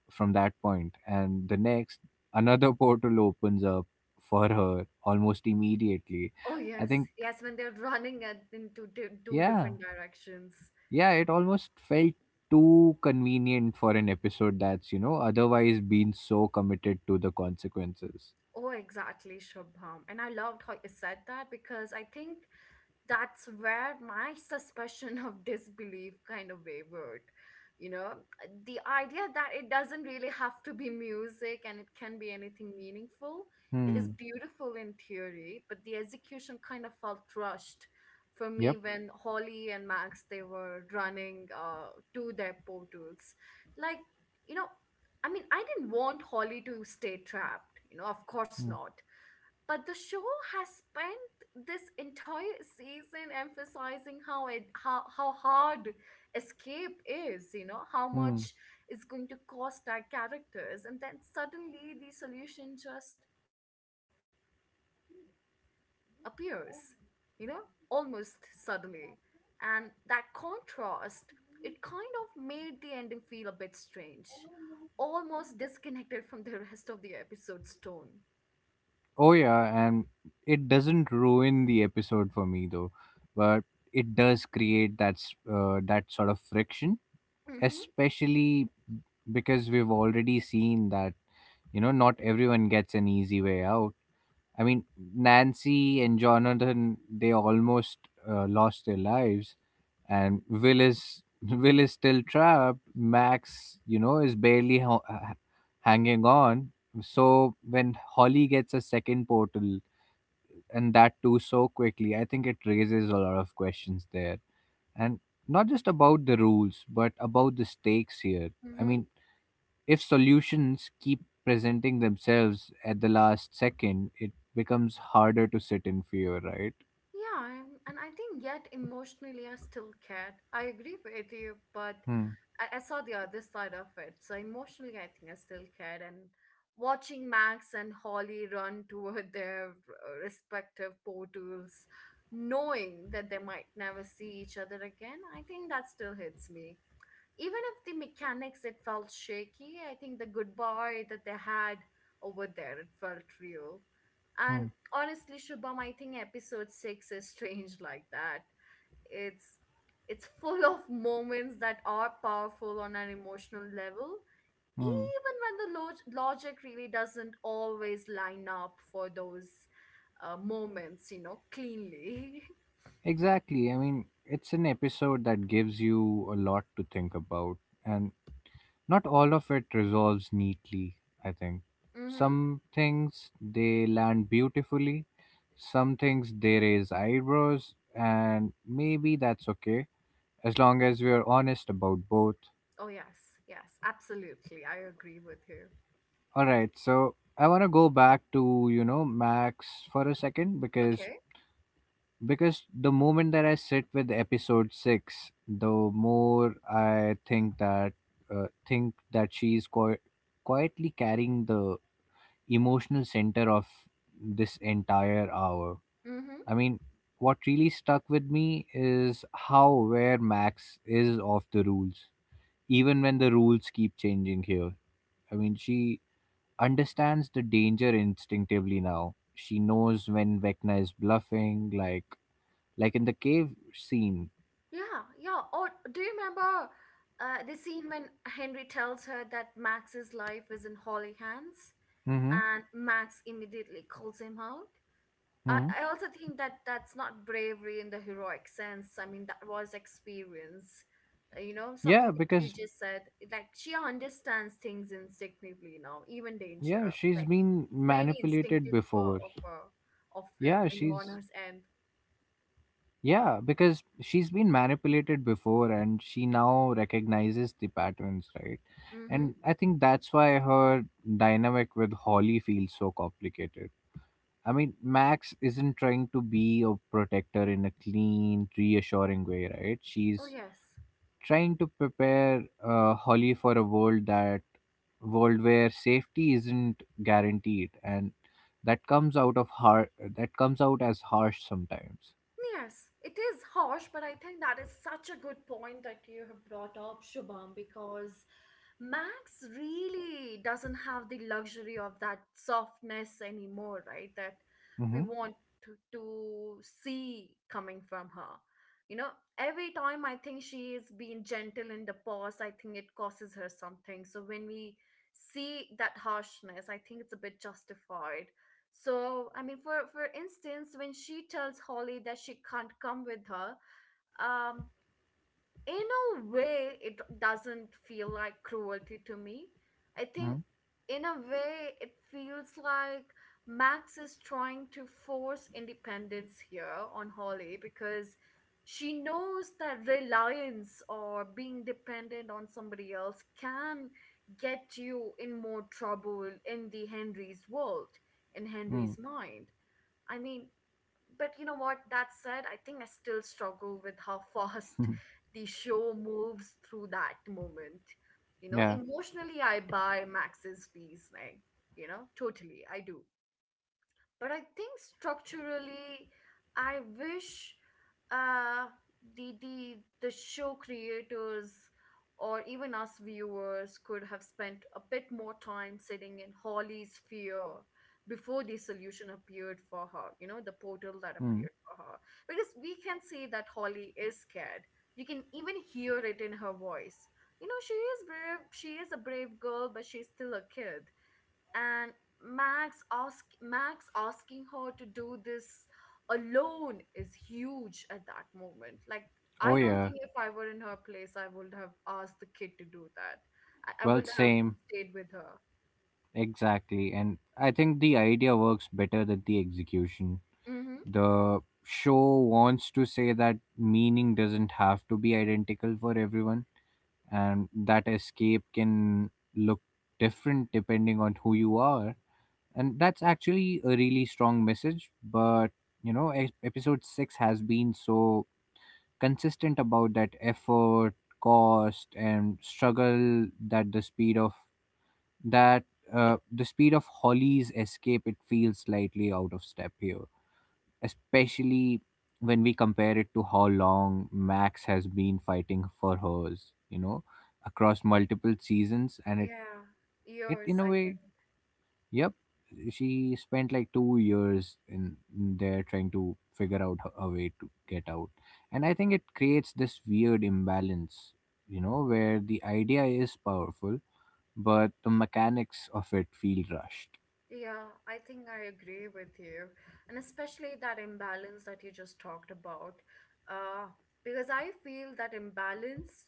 S2: from that point, and the next, another portal opens up for her almost immediately,
S1: Oh
S2: I
S1: yes,
S2: think.
S1: yes. When they're into di two
S2: Yeah.
S1: different directions.
S2: Yeah, it almost felt too convenient for an episode that's, otherwise been so committed to the consequences.
S1: Oh, exactly, Shubham. And I loved how you said that because I think that's where my suspicion of disbelief kind of wavered. You know, the idea that it doesn't really have to be music and it can be anything meaningful is
S2: Hmm.
S1: beautiful in theory, but the execution kind of felt rushed for me
S2: Yep.
S1: when Holly and Max they were running to their portals. Like, you know, I mean, I didn't want Holly to stay trapped. You know, of course
S2: Hmm.
S1: not. But the show has spent this entire season emphasizing how hard escape is, you know, how
S2: Hmm.
S1: much is going to cost our characters, and then suddenly the solution just appears, you know, almost suddenly. And that contrast, it kind of made the ending feel a bit strange, almost disconnected from the rest of the episode's tone.
S2: Oh, yeah, and it doesn't ruin the episode for me, though, but it does create that sort of friction,
S1: Mm-hmm.
S2: especially because we've already seen that, not everyone gets an easy way out. I mean, Nancy and Jonathan, they almost, lost their lives, and Will is— Will is still trapped. Max, is barely hanging on. So when Holly gets a second portal, and that too so quickly, I think it raises a lot of questions there, and not just about the rules, but about the stakes here. I
S1: Mm-hmm.
S2: mean, if solutions keep presenting themselves at the last second, it becomes harder to sit in fear, right?
S1: Yeah, and I think yet emotionally I still cared. I agree with you, but
S2: Hmm.
S1: I saw the other side of it. So emotionally, I think I still cared. And watching Max and Holly run toward their respective portals, knowing that they might never see each other again, I think that still hits me even if the mechanics it felt shaky. I think the goodbye that they had over there, it felt real. And
S2: Hmm.
S1: honestly, Shubham, I think episode 6 is strange like that. It's it's full of moments that are powerful on an emotional level
S2: Hmm.
S1: even when the logic really doesn't always line up for those moments, you know, cleanly.
S2: Exactly. I mean, it's an episode that gives you a lot to think about, and not all of it resolves neatly, I think.
S1: Mm-hmm.
S2: Some things they land beautifully, some things they raise eyebrows, and maybe that's okay as long as we're honest about both.
S1: Oh, yes, yes, absolutely, I agree with you.
S2: All right, so I want to go back to, Max for a second, because
S1: Okay.
S2: the moment that I sit with episode 6, the more I think that, she's quietly carrying the emotional center of this entire hour.
S1: Hmm.
S2: I mean, what really stuck with me is how aware Max is of the rules, even when the rules keep changing here. I mean, she understands the danger instinctively now. She knows when Vecna is bluffing, like in the cave scene.
S1: Yeah, yeah. Or do you remember the scene when Henry tells her that Max's life is in Holly hands
S2: Mm-hmm.
S1: and Max immediately calls him out? I
S2: Hmm.
S1: also think that that's not bravery in the heroic sense. I mean, that was experience. You know,
S2: Yeah,
S1: something that you
S2: because,
S1: just said. Like, she understands things instinctively now, even danger.
S2: yeah, she's
S1: Like,
S2: been
S1: it's very
S2: manipulated
S1: instinctive
S2: before.
S1: of her, of like,
S2: Yeah,
S1: you know, on
S2: she's
S1: her end.
S2: yeah, because she's been manipulated before and she now recognizes the patterns, right?
S1: Mm-hmm.
S2: And I think that's why her dynamic with Holly feels so complicated. I mean, Max isn't trying to be a protector in a clean, reassuring way, right?
S1: Oh,
S2: She's
S1: yes.
S2: trying to prepare, Holly for a world, that world where safety isn't guaranteed, and that comes out as harsh sometimes.
S1: Yes, it is harsh, but I think that is such a good point that you have brought up, Shubham, because Max really doesn't have the luxury of that softness anymore, right? That we
S2: Mm-hmm.
S1: want to see coming from her. You know, every time I think she is being gentle in the past, I think it causes her something. So when we see that harshness, I think it's a bit justified. So, I mean, for instance, when she tells Holly that she can't come with her, um, in a way, it doesn't feel like cruelty to me. I think, in a way, it feels like Max is trying to force independence here on Holly because she knows that reliance or being dependent on somebody else can get you in more trouble in the Henry's world, in
S2: Mm-hmm.
S1: Henry's mind. I mean, but you know what? That said, I think I still struggle with how fast the show moves through that moment. You know,
S2: Yeah.
S1: emotionally, I buy Max's piece, like, you know, totally, I do. But I think structurally, I wish uh, the the show creators or even us viewers could have spent a bit more time sitting in Holly's fear before the solution appeared for her. You know, the portal that
S2: Mm.
S1: appeared for her, because we can see that Holly is scared. You can even hear it in her voice. You know, she is brave. She is a brave girl, but she's still a kid and Max asking her to do this alone is huge at that moment. Like, I
S2: Oh
S1: don't
S2: yeah.
S1: think if I were in her place I would have asked the kid to do that. I
S2: Well,
S1: would have
S2: same.
S1: stayed with her.
S2: Exactly, and I think the idea works better than the execution.
S1: Mm-hmm.
S2: The show wants to say that meaning doesn't have to be identical for everyone and that escape can look different depending on who you are, and that's actually a really strong message. But episode 6 has been so consistent about that effort, cost, and struggle, that the speed of that Holly's escape, it feels slightly out of step here, especially when we compare it to how long Max has been fighting for hers, across multiple seasons. And it,
S1: Yeah, years,
S2: in a
S1: I think.
S2: way, yep, she spent like 2 years in there trying to figure out a way to get out. And I think it creates this weird imbalance, where the idea is powerful, but the mechanics of it feel rushed.
S1: Yeah, I think I agree with you, and especially that imbalance that you just talked about, uh because I feel that imbalance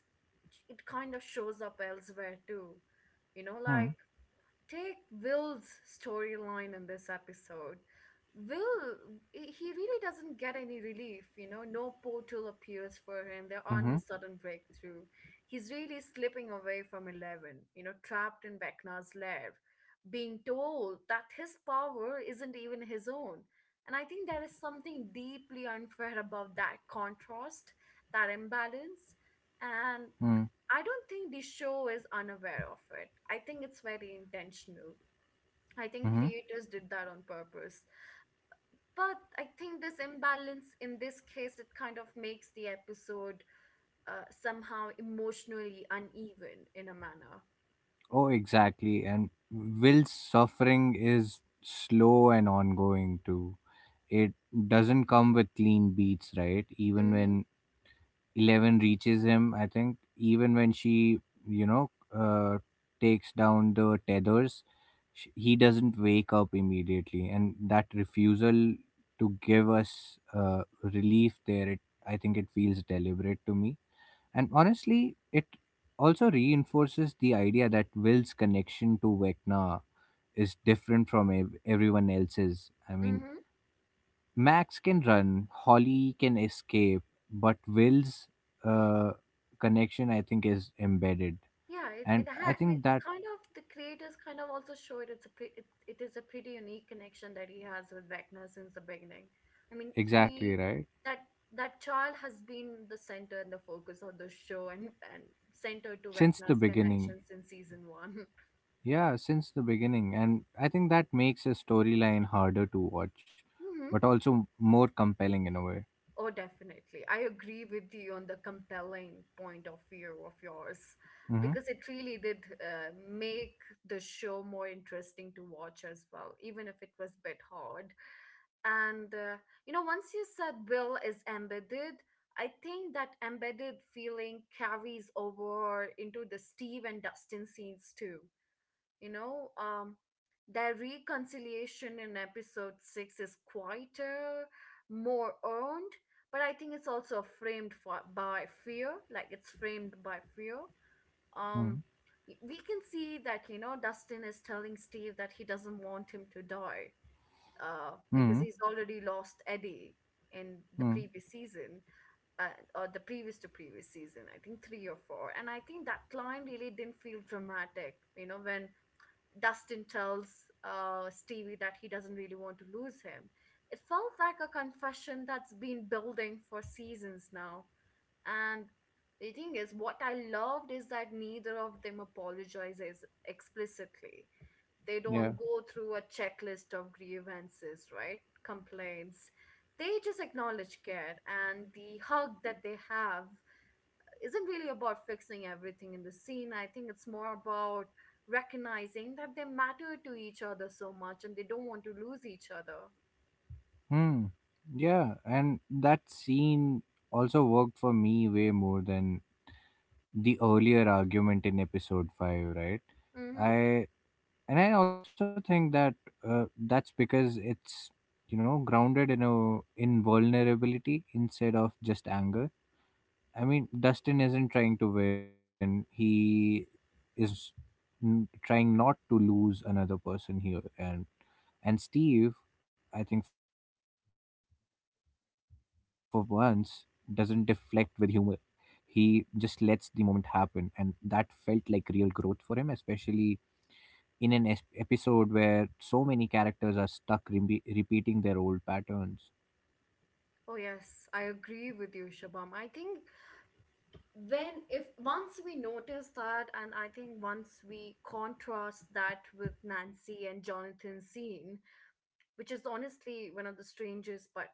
S1: it kind of shows up elsewhere too, you know,
S2: Hmm.
S1: like take Will's storyline in this episode. Will, he really doesn't get any relief, you know? No portal appears for him. There are no
S2: Mm-hmm.
S1: sudden breakthrough. He's really slipping away from Eleven, you know, trapped in Vecna's lair, being told that his power isn't even his own. And I think there is something deeply unfair about that contrast, that imbalance. And
S2: Mm-hmm.
S1: I don't think the show is unaware of it. I think it's very intentional. I think
S2: Mm-hmm.
S1: creators did that on purpose. But I think this imbalance in this case, it kind of makes the episode somehow emotionally uneven in a manner.
S2: Oh, exactly. And Will's suffering is slow and ongoing too. It doesn't come with clean beats, right? Even
S1: Mm-hmm.
S2: when Eleven reaches him, I think, even when she, you know, uh, takes down the tethers, he doesn't wake up immediately. And that refusal to give us, relief there, I think it feels deliberate to me. And honestly, it also reinforces the idea that Will's connection to Vecna is different from everyone else's. I mean,
S1: Mm-hmm.
S2: Max can run, Holly can escape, but Will's, uh, connection, I think, is embedded.
S1: Yeah, it
S2: And I
S1: had and it
S2: think that—
S1: kind of the creators kind of also showed it's a pre it, it is a pretty unique connection that he has with Vecna since the beginning. I mean,
S2: exactly
S1: he
S2: right.
S1: that that child has been the center and the focus of the show and center to
S2: Since the
S1: Vecna's
S2: beginning.
S1: connection since season one.
S2: Yeah, since the beginning. And I think that makes a storyline harder to watch,
S1: Mm-hmm.
S2: but also more compelling in a way.
S1: Oh, definitely. I agree with you on the compelling point of view of yours
S2: Mm-hmm.
S1: because it really did make the show more interesting to watch as well, even if it was a bit hard. And you know, once you said Will is embedded, I think that embedded feeling carries over into the Steve and Dustin scenes too. You know, their reconciliation in episode six is quieter, more earned, but I think it's also framed by fear, like it's framed by fear. Um,
S2: Mm-hmm.
S1: we can see that, you know, Dustin is telling Steve that he doesn't want him to die because
S2: Mm-hmm.
S1: he's already lost Eddie in the
S2: Mm-hmm.
S1: previous season, uh, or the previous to previous season, I think three or four. And I think that line really didn't feel dramatic, you know, when Dustin tells Stevie that he doesn't really want to lose him. It felt like a confession that's been building for seasons now. And the thing is, what I loved is that neither of them apologizes explicitly. They don't
S2: Yeah.
S1: go through a checklist of grievances, right? Complaints. They just acknowledge care. And the hug that they have isn't really about fixing everything in the scene. I think it's more about recognizing that they matter to each other so much and they don't want to lose each other.
S2: Hmm. Yeah, and that scene also worked for me way more than the earlier argument in episode 5, right?
S1: Mm-hmm.
S2: I and I also think that, that's because it's, grounded in a in vulnerability instead of just anger. I mean, Dustin isn't trying to win. He is trying not to lose another person here, and Steve, I think, for once, doesn't deflect with humor. He just lets the moment happen, and that felt like real growth for him, especially in an episode where so many characters are stuck repeating their old patterns.
S1: Oh, yes, I agree with you, Shabam. I think when if once we notice that, and I think once we contrast that with Nancy and Jonathan's scene, which is honestly one of the strangest but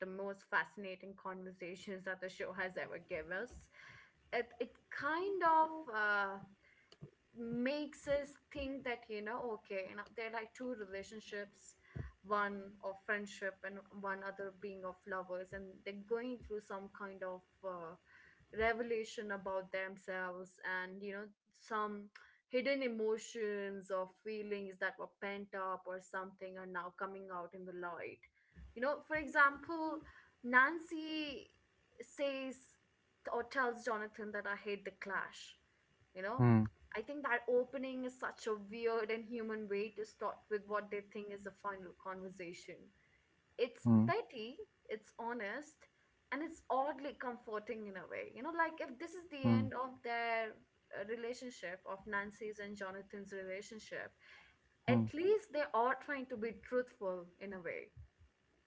S1: the most fascinating conversations that the show has ever given us, it kind of uh, makes us think that, you know, okay, you know, there are like two relationships, one of friendship and one other being of lovers, and they're going through some kind of revelation about themselves. And you know, some hidden emotions or feelings that were pent up or something are now coming out in the light. You know, for example, Nancy says or tells Jonathan that I hate the Clash, you know.
S2: Hmm.
S1: I think that opening is such a weird and human way to start with what they think is a final conversation. It's
S2: Hmm.
S1: petty, it's honest, and it's oddly comforting in a way. You know, like if this is the
S2: Hmm.
S1: end of their relationship, of Nancy's and Jonathan's relationship,
S2: Hmm.
S1: at least they are trying to be truthful in a way.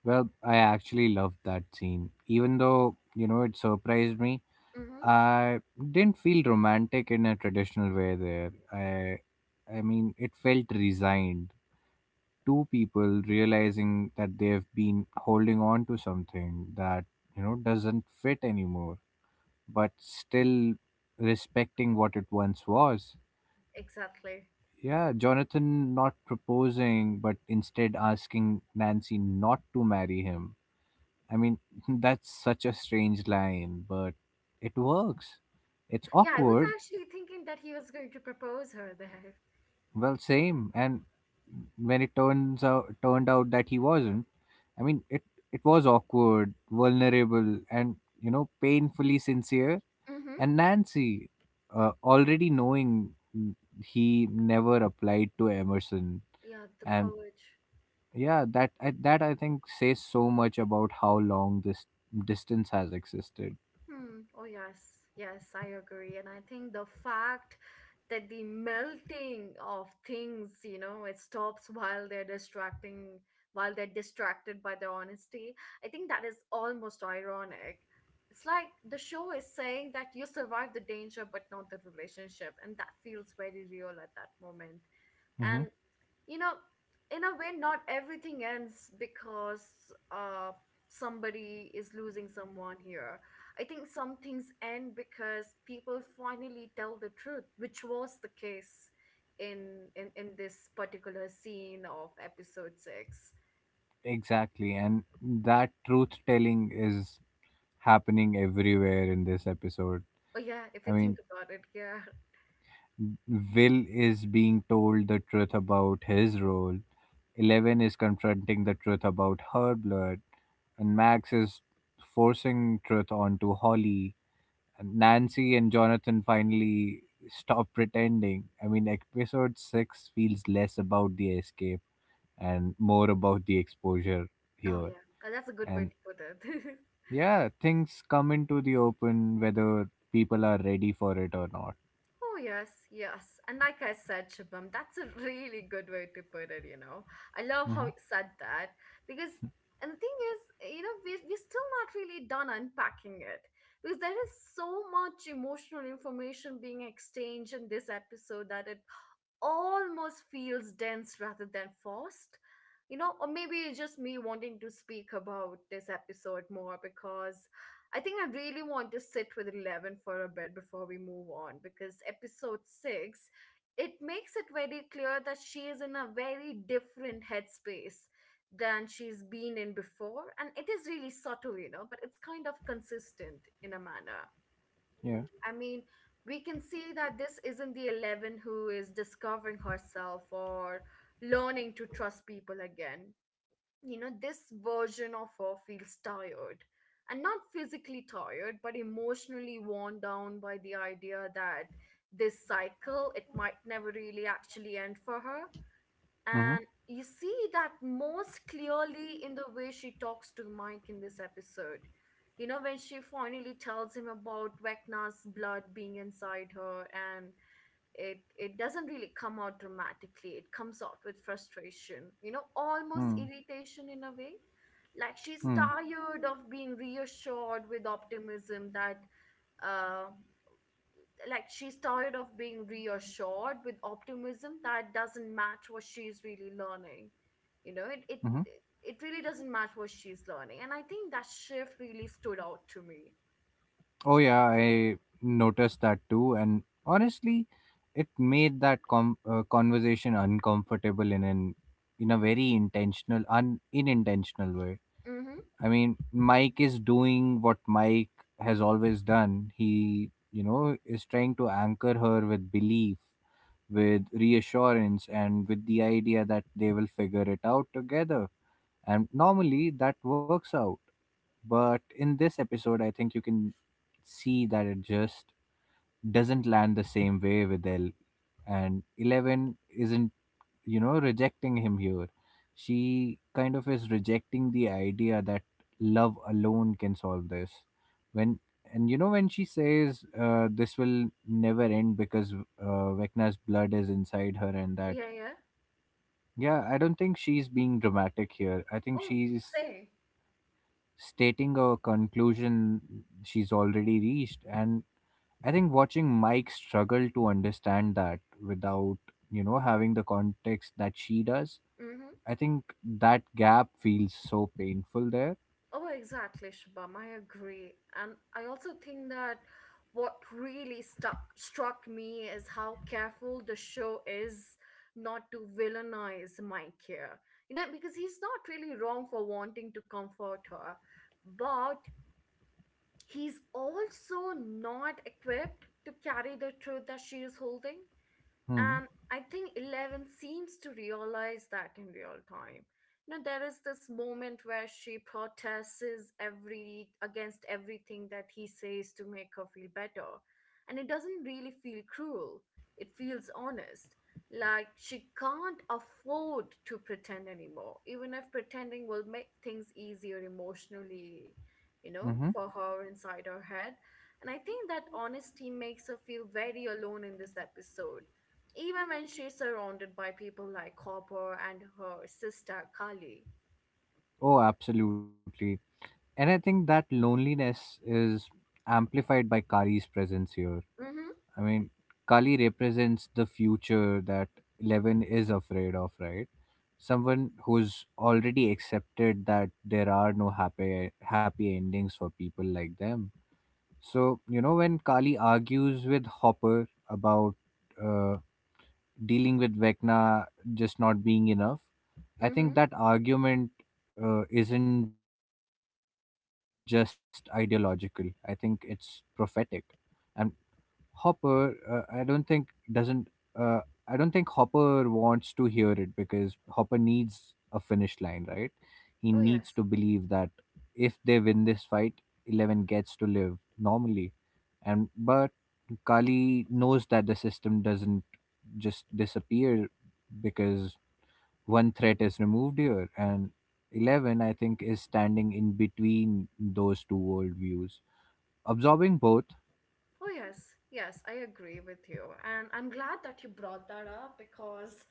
S2: Well, I actually loved that scene, even though, it surprised me.
S1: Mm-hmm.
S2: I didn't feel romantic in a traditional way there. I mean, it felt resigned. Two people realizing that they've been holding on to something that, doesn't fit anymore, but still respecting what it once was.
S1: Exactly.
S2: Yeah, Jonathan not proposing, but instead asking Nancy not to marry him. I mean, that's such a strange line, but it works. It's
S1: Yeah, I was
S2: awkward.
S1: actually thinking that he was going to propose her there.
S2: Well, same. And when it turns out turned out that he wasn't, I mean, it was awkward, vulnerable, and, painfully sincere.
S1: Mm-hmm.
S2: And Nancy, already knowing he never applied to Emerson,
S1: Yeah, the
S2: and
S1: college.
S2: yeah, that I think says so much about how long this distance has existed.
S1: Hmm. Oh, yes. Yes, I agree. And I think the fact that the melting of things, you know, it stops while they're distracting, while they're distracted by their honesty, I think that is almost ironic. It's like the show is saying that you survived the danger, but not the relationship. And that feels very real at that moment.
S2: Hmm.
S1: And you know, in a way, not everything ends because somebody is losing someone here. I think some things end because people finally tell the truth, which was the case in this particular scene of episode 6.
S2: Exactly, and that truth telling is happening everywhere in this episode.
S1: Oh yeah, if
S2: I
S1: you think
S2: mean,
S1: about it, yeah.
S2: Will is being told the truth about his role. Eleven is confronting the truth about her blood. And Max is forcing truth onto Holly. And Nancy and Jonathan finally stop pretending. I mean, episode 6 feels less about the escape and more about the exposure
S1: Oh
S2: here.
S1: yeah, that's a good way
S2: And
S1: to put it.
S2: yeah, things come into the open whether people are ready for it or not.
S1: Oh, yes, yes. And like I said, Shubham, that's a really good way to put it, you know. I love how
S2: Hmm.
S1: you said that because, and the thing is, you know, we're still not really done unpacking it because there is so much emotional information being exchanged in this episode that it almost feels dense rather than forced. You know, or maybe it's just me wanting to speak about this episode more because I think I really want to sit with Eleven for a bit before we move on, because episode 6 it makes it very clear that she is in a very different headspace than she's been in before, and it is really subtle, you know, but it's kind of consistent in a manner.
S2: Yeah.
S1: I mean, we can see that this isn't the Eleven who is discovering herself or learning to trust people again. You know, this version of her feels tired. And not physically tired, but emotionally worn down by the idea that this cycle, it might never really actually end for her,
S2: Mm-hmm.
S1: and you see that most clearly in the way she talks to Mike in this episode. You know, when she finally tells him about Vecna's blood being inside her and it doesn't really come out dramatically. It comes out with frustration, you know, almost
S2: Hmm.
S1: irritation in a way. Like she's
S2: Hmm.
S1: tired of being reassured with optimism that uh like she's tired of being reassured with optimism that doesn't match what she's really learning you know it it
S2: Mm-hmm.
S1: it really doesn't match what she's learning, and I think that shift really stood out to me.
S2: Oh yeah, I noticed that too, and honestly, it made that conversation uncomfortable in a very intentional, un unintentional way.
S1: Mm-hmm.
S2: I mean, Mike is doing what Mike has always done. He, you know, is trying to anchor her with belief, with reassurance, and with the idea that they will figure it out together. And normally that works out, but in this episode I think you can see that it just doesn't land the same way with Elle. And 11 isn't, you know, rejecting him here. She kind of is rejecting the idea that love alone can solve this. When and you know when she says this will never end because Vecna's blood is inside her and that,
S1: Yeah, yeah.
S2: yeah, I don't think she's being dramatic here. I think
S1: Oh,
S2: she's
S1: say.
S2: stating a conclusion she's already reached. And I think watching Mike struggle to understand that without, you know, having the context that she does, I think that gap feels so painful there.
S1: Oh, exactly, Shabam. I agree. And I also think that what really stuck struck me is how careful the show is not to villainize Mike here. You know, because he's not really wrong for wanting to comfort her, but he's also not equipped to carry the truth that she is holding. And
S2: Hmm.
S1: I think 11 seems to realize that in real time. You know, there is this moment where she protests every against everything that he says to make her feel better. And it doesn't really feel cruel. It feels honest. Like she can't afford to pretend anymore, even if pretending will make things easier emotionally, you know,
S2: Mm-hmm.
S1: for her inside her head. And I think that honesty makes her feel very alone in this episode even when she's surrounded by people like Copper and her sister Kali.
S2: Oh, absolutely. And I think that loneliness is amplified by Kali's presence here.
S1: Mm-hmm.
S2: I mean, Kali represents the future that 11 is afraid of, right? Someone who's already accepted that there are no happy endings for people like them. So you know when Kali argues with Hopper about uh, dealing with Vecna just not being enough, I
S1: Mm-hmm.
S2: think that argument isn't just ideological. I think it's prophetic. And Hopper, I don't think doesn't. Uh, I don't think Hopper wants to hear it because Hopper needs a finish line, right? He needs
S1: Oh
S2: to
S1: yes.
S2: believe that if they win this fight, 11 gets to live normally. And but Kali knows that the system doesn't just disappear because one threat is removed here, and 11, I think, is standing in between those two worldviews, absorbing both.
S1: Oh yes. Yes, I agree with you. And I'm glad that you brought that up because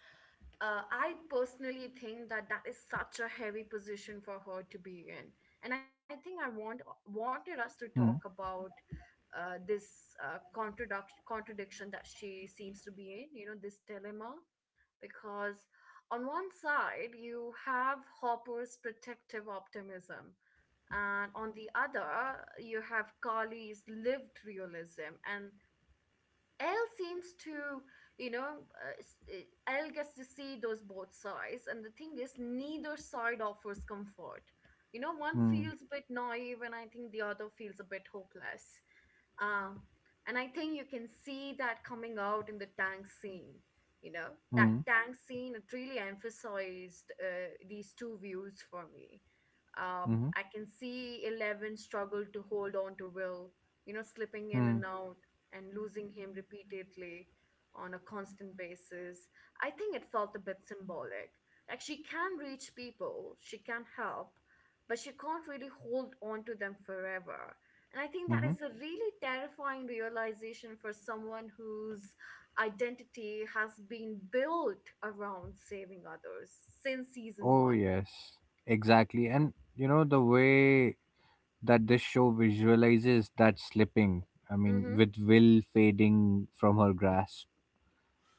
S1: I personally think that that is such a heavy position for her to be in. And I think I
S2: Hmm.
S1: want wanted us to talk about this contradiction that she seems to be in, you know, this dilemma, because on one side you have Hopper's protective optimism, and on the other you have Carly's lived realism, and Elle seems to, you know, s- eh, Elle gets to see those both sides, and the thing is, neither side offers comfort. You know, one
S2: Mm,
S1: feels a bit naive, and I think the other feels a bit hopeless. Um, and I think you can see that coming out in the tank scene. You know, that
S2: mm,
S1: tank scene it really emphasized these two views for me.
S2: mm,
S1: I can see 11 struggle to hold on to Will, you know, slipping in
S2: mm,
S1: and out and losing him repeatedly on a constant basis. I think it felt a bit symbolic. Like she can reach people, she can help, but she can't really hold on to them forever, and I think that
S2: mm.
S1: is a really terrifying realization for someone whose identity has been built around saving others since season
S2: Oh,
S1: one.
S2: yes, exactly. And you know, the way that this show visualizes that slipping, I mean,
S1: Mm-hmm.
S2: with Will fading from her grasp,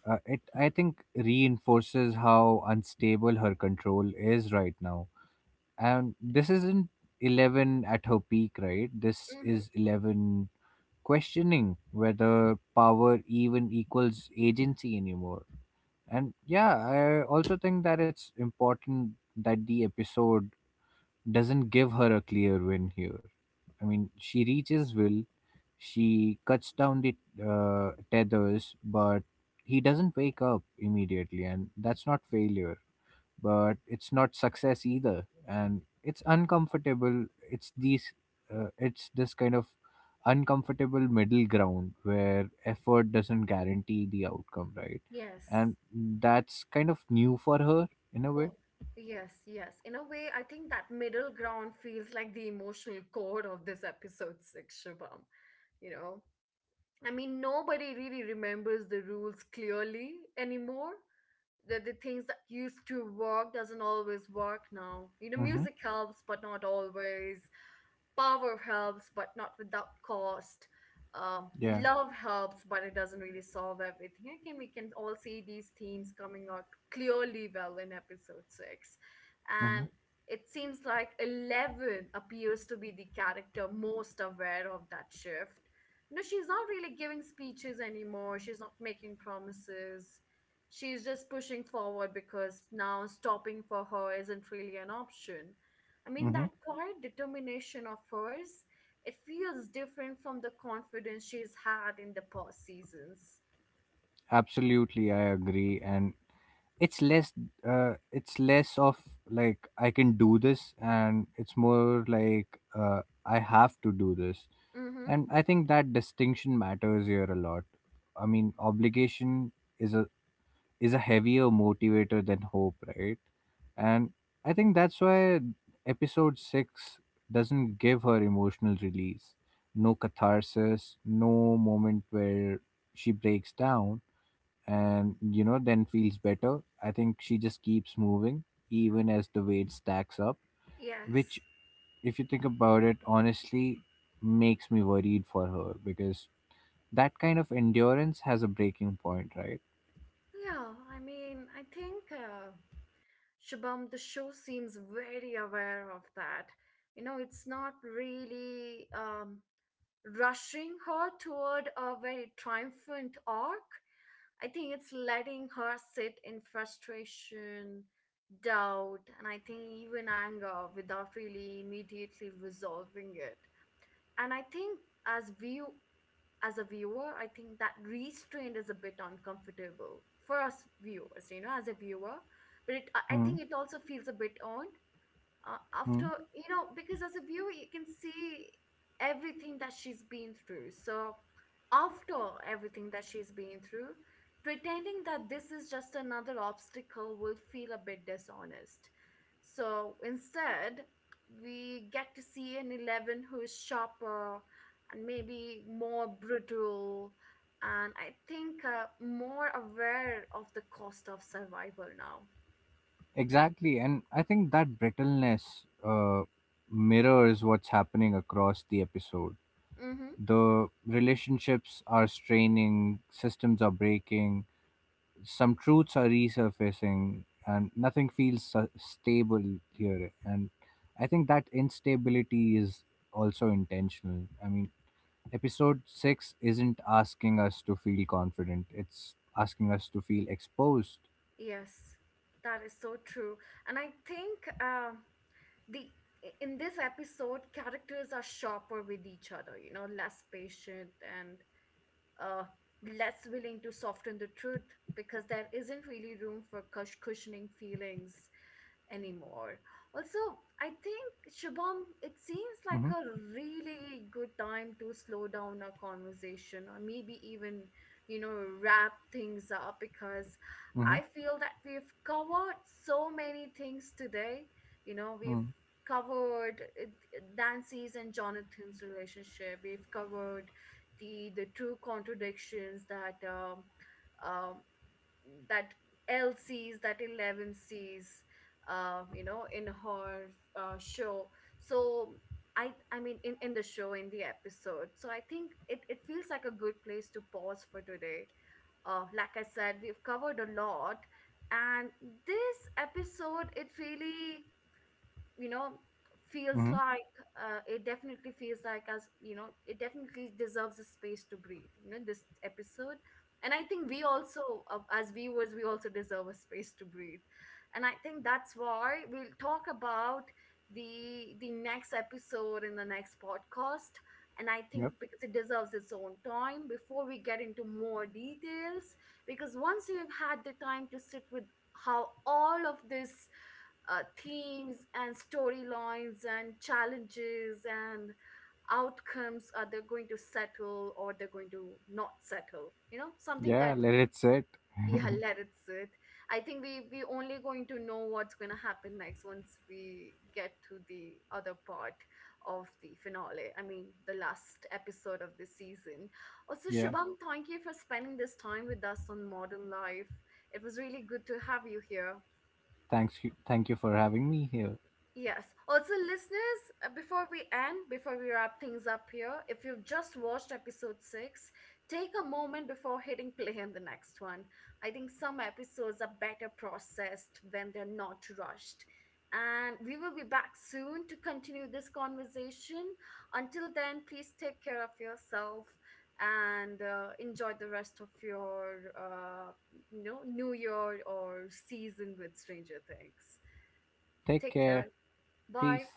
S2: it, I think, reinforces how unstable her control is right now. And this isn't 11 at her peak, right? This is
S1: Mm-hmm.
S2: 11 questioning whether power even equals agency anymore. And yeah, I also think that it's important that the episode doesn't give her a clear win here. I mean, she reaches Will, she cuts down the tethers, but he doesn't wake up immediately, and that's not failure, but it's not success either, and it's uncomfortable. It's these it's this kind of uncomfortable middle ground where effort doesn't guarantee the outcome, right?
S1: Yes.
S2: And that's kind of new for her, in a
S1: Oh,
S2: way.
S1: yes, yes. In a way, I think that middle ground feels like the emotional core of this episode six, Shubham. You know, I mean, nobody really remembers the rules clearly anymore. The things that used to work doesn't always work now. You know,
S2: Mm-hmm.
S1: music helps but not always, power helps but not without cost,
S2: Yeah.
S1: love helps but it doesn't really solve everything. Again, we can all see these themes coming out clearly well in episode 6.
S2: Mm-hmm.
S1: And it seems like 11 appears to be the character most aware of that shift. You know, she's not really giving speeches anymore, she's not making promises. She's just pushing forward because now stopping for her isn't really an option. I mean,
S2: Mm-hmm.
S1: that quiet determination of hers, it feels different from the confidence she's had in the past seasons.
S2: Absolutely, I agree. And it's less it's less of like I can do this, and it's more like I have to do this.
S1: Mm-hmm.
S2: And I think that distinction matters here a lot. I mean, obligation is a is a heavier motivator than hope, right? And I think that's why episode 6 doesn't give her emotional release. No catharsis, no moment where she breaks down and you know then feels better. I think she just keeps moving even as the weight stacks up, which
S1: Yes.
S2: if you think about it honestly makes me worried for her because that kind of endurance has a breaking point, right?
S1: Yeah, I mean, I think Shubham, the show seems very aware of that. You know, it's not really rushing her toward a very triumphant arc. I think it's letting her sit in frustration, doubt, and I think even anger without really immediately resolving it. And I think as view as a viewer, I think that restraint is a bit uncomfortable for us viewers, you know, as a viewer. But it, I
S2: Hmm.
S1: think it also feels a bit on after,
S2: Hmm.
S1: you know, because as a viewer you can see everything that she's been through. So after everything that she's been through, pretending that this is just another obstacle will feel a bit dishonest. So instead we get to see an 11 who's sharper and maybe more brutal, and I think more aware of the cost of survival now.
S2: Exactly, and I think that brittleness mirrors what's happening across the episode.
S1: Mm-hmm.
S2: The relationships are straining, systems are breaking, some truths are resurfacing, and nothing feels stable here. And I think that instability is also intentional. I mean, Episode 6 isn't asking us to feel confident, it's asking us to feel exposed.
S1: Yes, that is so true. And I think the in this episode, characters are sharper with each other, you know, less patient, and uh, less willing to soften the truth because there isn't really room for cushioning feelings anymore. Also, I think Shubham, it seems like
S2: Mm-hmm.
S1: a really good time to slow down our conversation or maybe even, you know, wrap things up because
S2: Mm-hmm.
S1: I feel that we've covered so many things today. You know, we've
S2: Mm-hmm.
S1: covered Nancy's and Jonathan's relationship. We've covered the true contradictions that um, that 11 sees, you know, in her show. So I mean, in the show, in the episode. So I think it feels like a good place to pause for today. Like I said, we've covered a lot, and this episode, it really, you know, feels
S2: Mm-hmm.
S1: like it definitely deserves a space to breathe, you know, this episode. And I think we also, as viewers we also deserve a space to breathe. And I think that's why we'll talk about the next episode in the next podcast, and I think
S2: Yep.
S1: because it deserves its own time before we get into more details. Because once you've had the time to sit with how all of this themes and storylines and challenges and outcomes, are they going to settle or they're going to not settle, you know, something
S2: Yeah,
S1: that,
S2: let it sit.
S1: yeah. Let it sit. I think we only going to know what's going to happen next once we get to the other part of the finale. I mean the last episode of this season. Also
S2: Yeah.
S1: Shubham, thank you for spending this time with us on Modern Life. It was really good to have you here.
S2: Thanks you thank you for having me here.
S1: Yes. Also, listeners, before we end, before we wrap things up here, if you've just watched episode six, take a moment before hitting play on the next one. I think some episodes are better processed when they're not rushed. And we will be back soon to continue this conversation. Until then, please take care of yourself and enjoy the rest of your you know, new year or season with Stranger Things.
S2: Take
S1: Take
S2: care.
S1: care.
S2: Peace.
S1: Bye.